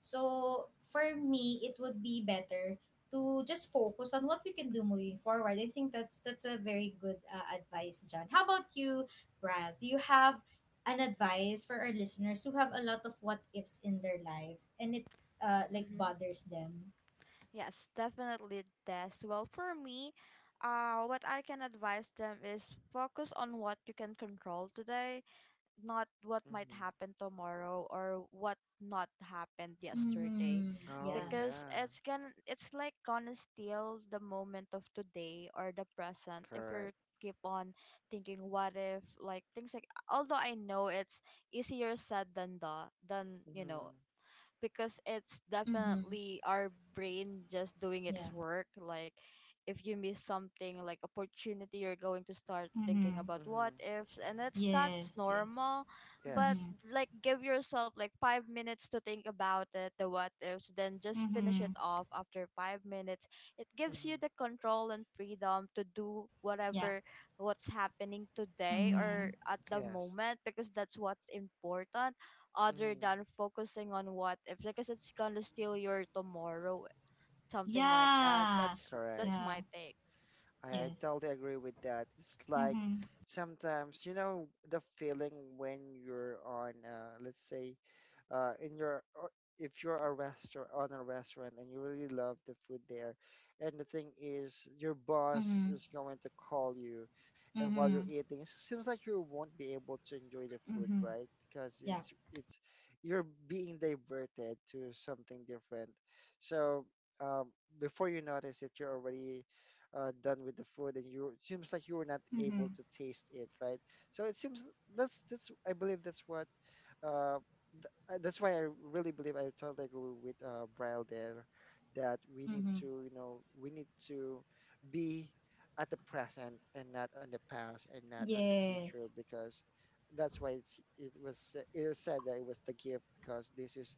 So for me, it would be better to just focus on what we can do moving forward. I think that's that's a very good uh, advice, John. How about you, Brad? Do you have an advice for our listeners who have a lot of what ifs in their life and it uh, like mm-hmm. bothers them? Yes, definitely, Des. Well, for me, uh, what I can advise them is focus on what you can control today, not what might Mm-hmm. happen tomorrow or what not happened yesterday, Mm-hmm. Oh Yeah. because yeah, it's gonna, it's like gonna steal the moment of today or the present if correct. you keep on thinking what if, like things, like, although I know it's easier said than the, than, you Mm-hmm. know, because it's Mm-hmm. definitely our brain just doing its Yeah. work. Like, if you miss something like opportunity, you're going to start thinking Mm-hmm. about what Mm-hmm. ifs, and it's that's Yes, yes. normal. But Yes. Mm-hmm. like give yourself like five minutes to think about it, the what ifs, then just finish it Mm-hmm. off after five minutes. It gives you Mm-hmm. the control and freedom to do Yeah. whatever what's happening today or Mm-hmm. at the Yes. moment, because that's what's important, other Mm-hmm. than focusing on what if, because it's gonna steal your tomorrow, something like that. Yeah. that's Correct. that's my Yeah. take. I Yes. totally agree with that. It's like Mm-hmm. sometimes, you know, the feeling when you're on, uh, let's say, uh, in your, or if you're a restaurant on a restaurant, and you really love the food there, and the thing is, your boss Mm-hmm. is going to call you, and while you're Mm-hmm. eating, it seems like you won't be able to enjoy the food, Mm-hmm. right? Because Yeah. it's it's you're being diverted to something different. So um, before you notice it, you're already uh, done with the food, and you, it seems like you were not able Mm-hmm. to taste it, right? So it seems that's that's I believe that's what uh, th- uh, that's why I really believe I totally agree with uh, Braille there, that we need Mm-hmm. to, you know, we need to be at the present and not on the past and not on the future, Yes. because that's why it's it was, it was said that it was the gift, because this is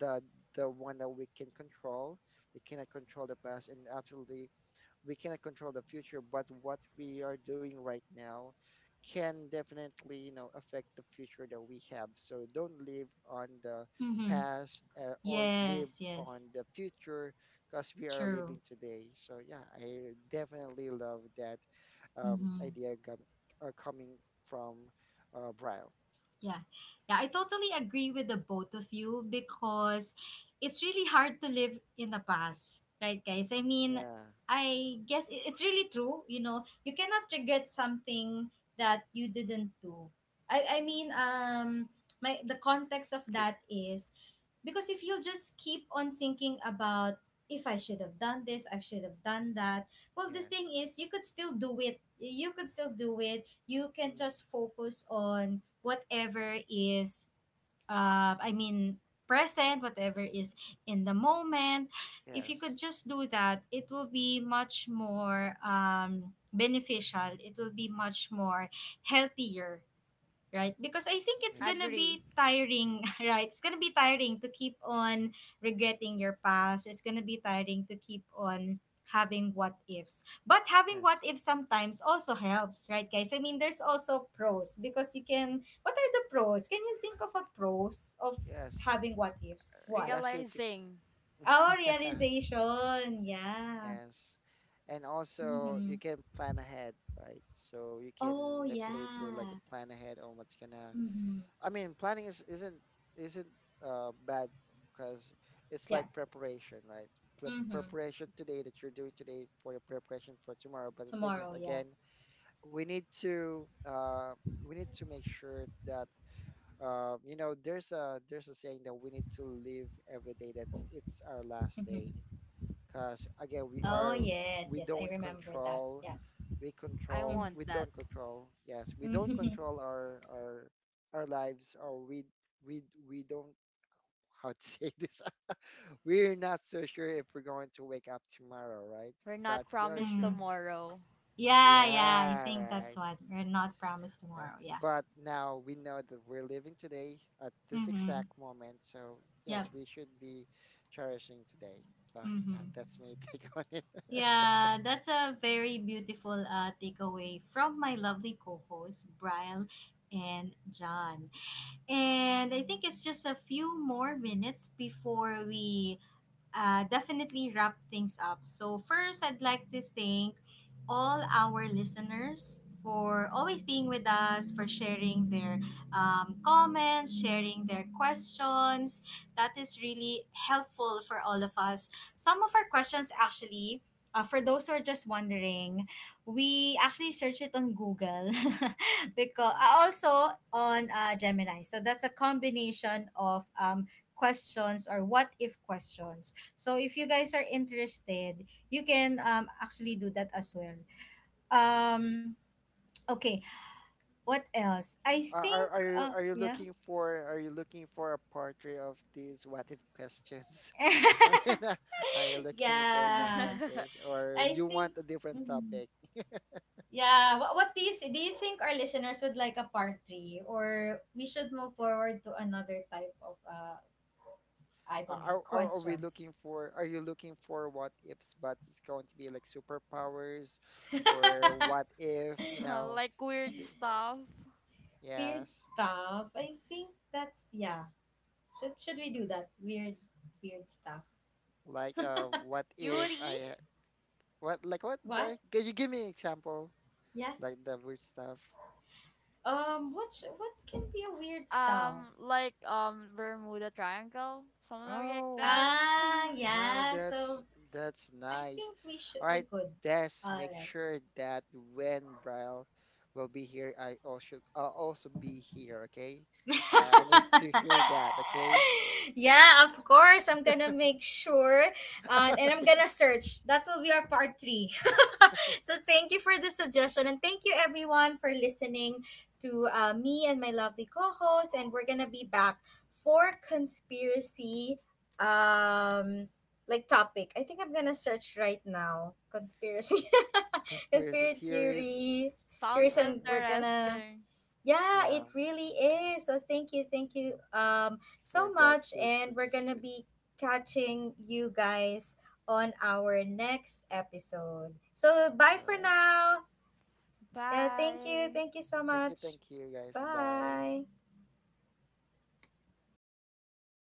the the one that we can control. We cannot control the past, and absolutely we cannot control the future, but what we are doing right now can definitely, you know, affect the future that we have. So don't live on the Mm-hmm. past, uh, or live Yes, on yes. the future, because we are True. living today. So yeah, I definitely love that um, Mm-hmm. idea gov- uh, coming from uh, Braille. Yeah. Yeah, I totally agree with the both of you, because it's really hard to live in the past, right, guys? I mean, Yeah. I guess i- it's really true. You know, you cannot regret something that you didn't do. I, I mean, um, my the context of Okay. that is, because if you just keep on thinking about if I should have done this, I should have done that. Well, the Yes. thing is, you could still do it. You could still do it. You can Mm. just focus on whatever is uh i mean present, whatever is in the moment. If you Yes. could just do that, it will be much more um beneficial, it will be much more healthier, right? Because I think it's I Yes. gonna be tiring, *laughs* right? It's gonna be tiring to keep on regretting your past. It's gonna be tiring to keep on having what ifs. But having what Yes. ifs sometimes also helps, right, guys? I mean, there's also pros because you can. What are the pros? Can you think of a pros of Yes. having what ifs? What? Yes. You can. realizing, Oh, *laughs* Yeah. realization. Yeah. Yes. And also Mm-hmm. you can plan ahead, right? So you can Oh, definitely do like yeah. a plan ahead on what's gonna, Mm-hmm. I mean, planning is isn't isn't uh bad, because it's Yeah. like preparation, right? Pre- Mm-hmm. Preparation today that you're doing today for your preparation for tomorrow. But the thing is, Tomorrow. Yeah. again, we need to uh we need to make sure that uh you know there's a there's a saying that we need to live every day Mm-hmm. that's, it's our last day, Oh because yes, again yes, we I are, remember we that. don't Yeah. control, we Mm-hmm. I control want we don't that. control, yes, we don't control our our our lives, or we we we don't, *laughs* how to say this, *laughs* We- we're not so sure if we're going to wake up tomorrow, right? we're But not we *laughs* are promised mm. sure, tomorrow. Yeah, yeah, I yeah, think right. that's what we're not promised tomorrow. That's- Yeah. but now we know that we're living today at this Mm-hmm. exact moment, so Yep. yes, we should be cherishing today, so yeah, Mm-hmm. that's my *laughs* take on it. *laughs* Yeah, that's a very beautiful uh, takeaway from my lovely co-hosts Brian and John. And I think it's just a few more minutes before we uh, definitely wrap things up. So, first, I'd like to thank all our listeners for always being with us, for sharing their um, comments, sharing their questions. That is really helpful for all of us. Some of our questions, actually, uh, for those who are just wondering, we actually search it on Google *laughs* because Mm, also on uh, Gemini. So that's a combination of um, questions mm. or what if questions. So if you guys are interested, you can um actually do that as well. Hmm. Um okay, what else? I Are, think are are you uh are you yeah. looking for, are you looking for a portrait of these what if questions? *laughs* I mean, *laughs* are, are you looking for something Yeah. like this, *laughs* or I you think want a different mhm. topic? Yeah, what what do you s- do you think our listeners would like a part three, or we should move forward to another type of uh I Are, don't know, are are are we questions? looking for, are you looking for what ifs, but it's going to be like superpowers, or what *laughs* if, you know? Like weird th- stuff. Weird yes, stuff. I think that's, yeah. Should should we do that? Weird weird stuff. like, uh, what if Cutie. I, what, like what? I'm sorry. What? Can you give me an example Yeah. like the weird stuff? Um, what sh- what can be a weird style? um like um Bermuda triangle, something like Oh. that. *laughs* Ah, Ah, yeah. that's So that's I nice. think we should All we right, could. Des, All make right. sure that when Brian will be here, I also, I'll also be here. Okay, I, I need to hear that. *laughs* Okay, Yeah, of course. I'm gonna make sure, uh, and I'm *laughs* gonna search. That will be our part three. *laughs* So thank you for the suggestion, and thank you everyone for listening to uh, me and my lovely co-host. And we're gonna be back for conspiracy, um, like topic. I think I'm gonna search right now conspiracy, *laughs* conspiracy conspiracy theories. theory, theories, Sounds and Um, we're gonna interesting. yeah, yeah, it really is. So thank you, thank you um for so that much, great and we're going to suggestion. be catching you guys on our next episode. So bye for All right, now. Yeah, thank you. Bye. Thank you so thank you, much. thank you, guys. Bye bye. Bye.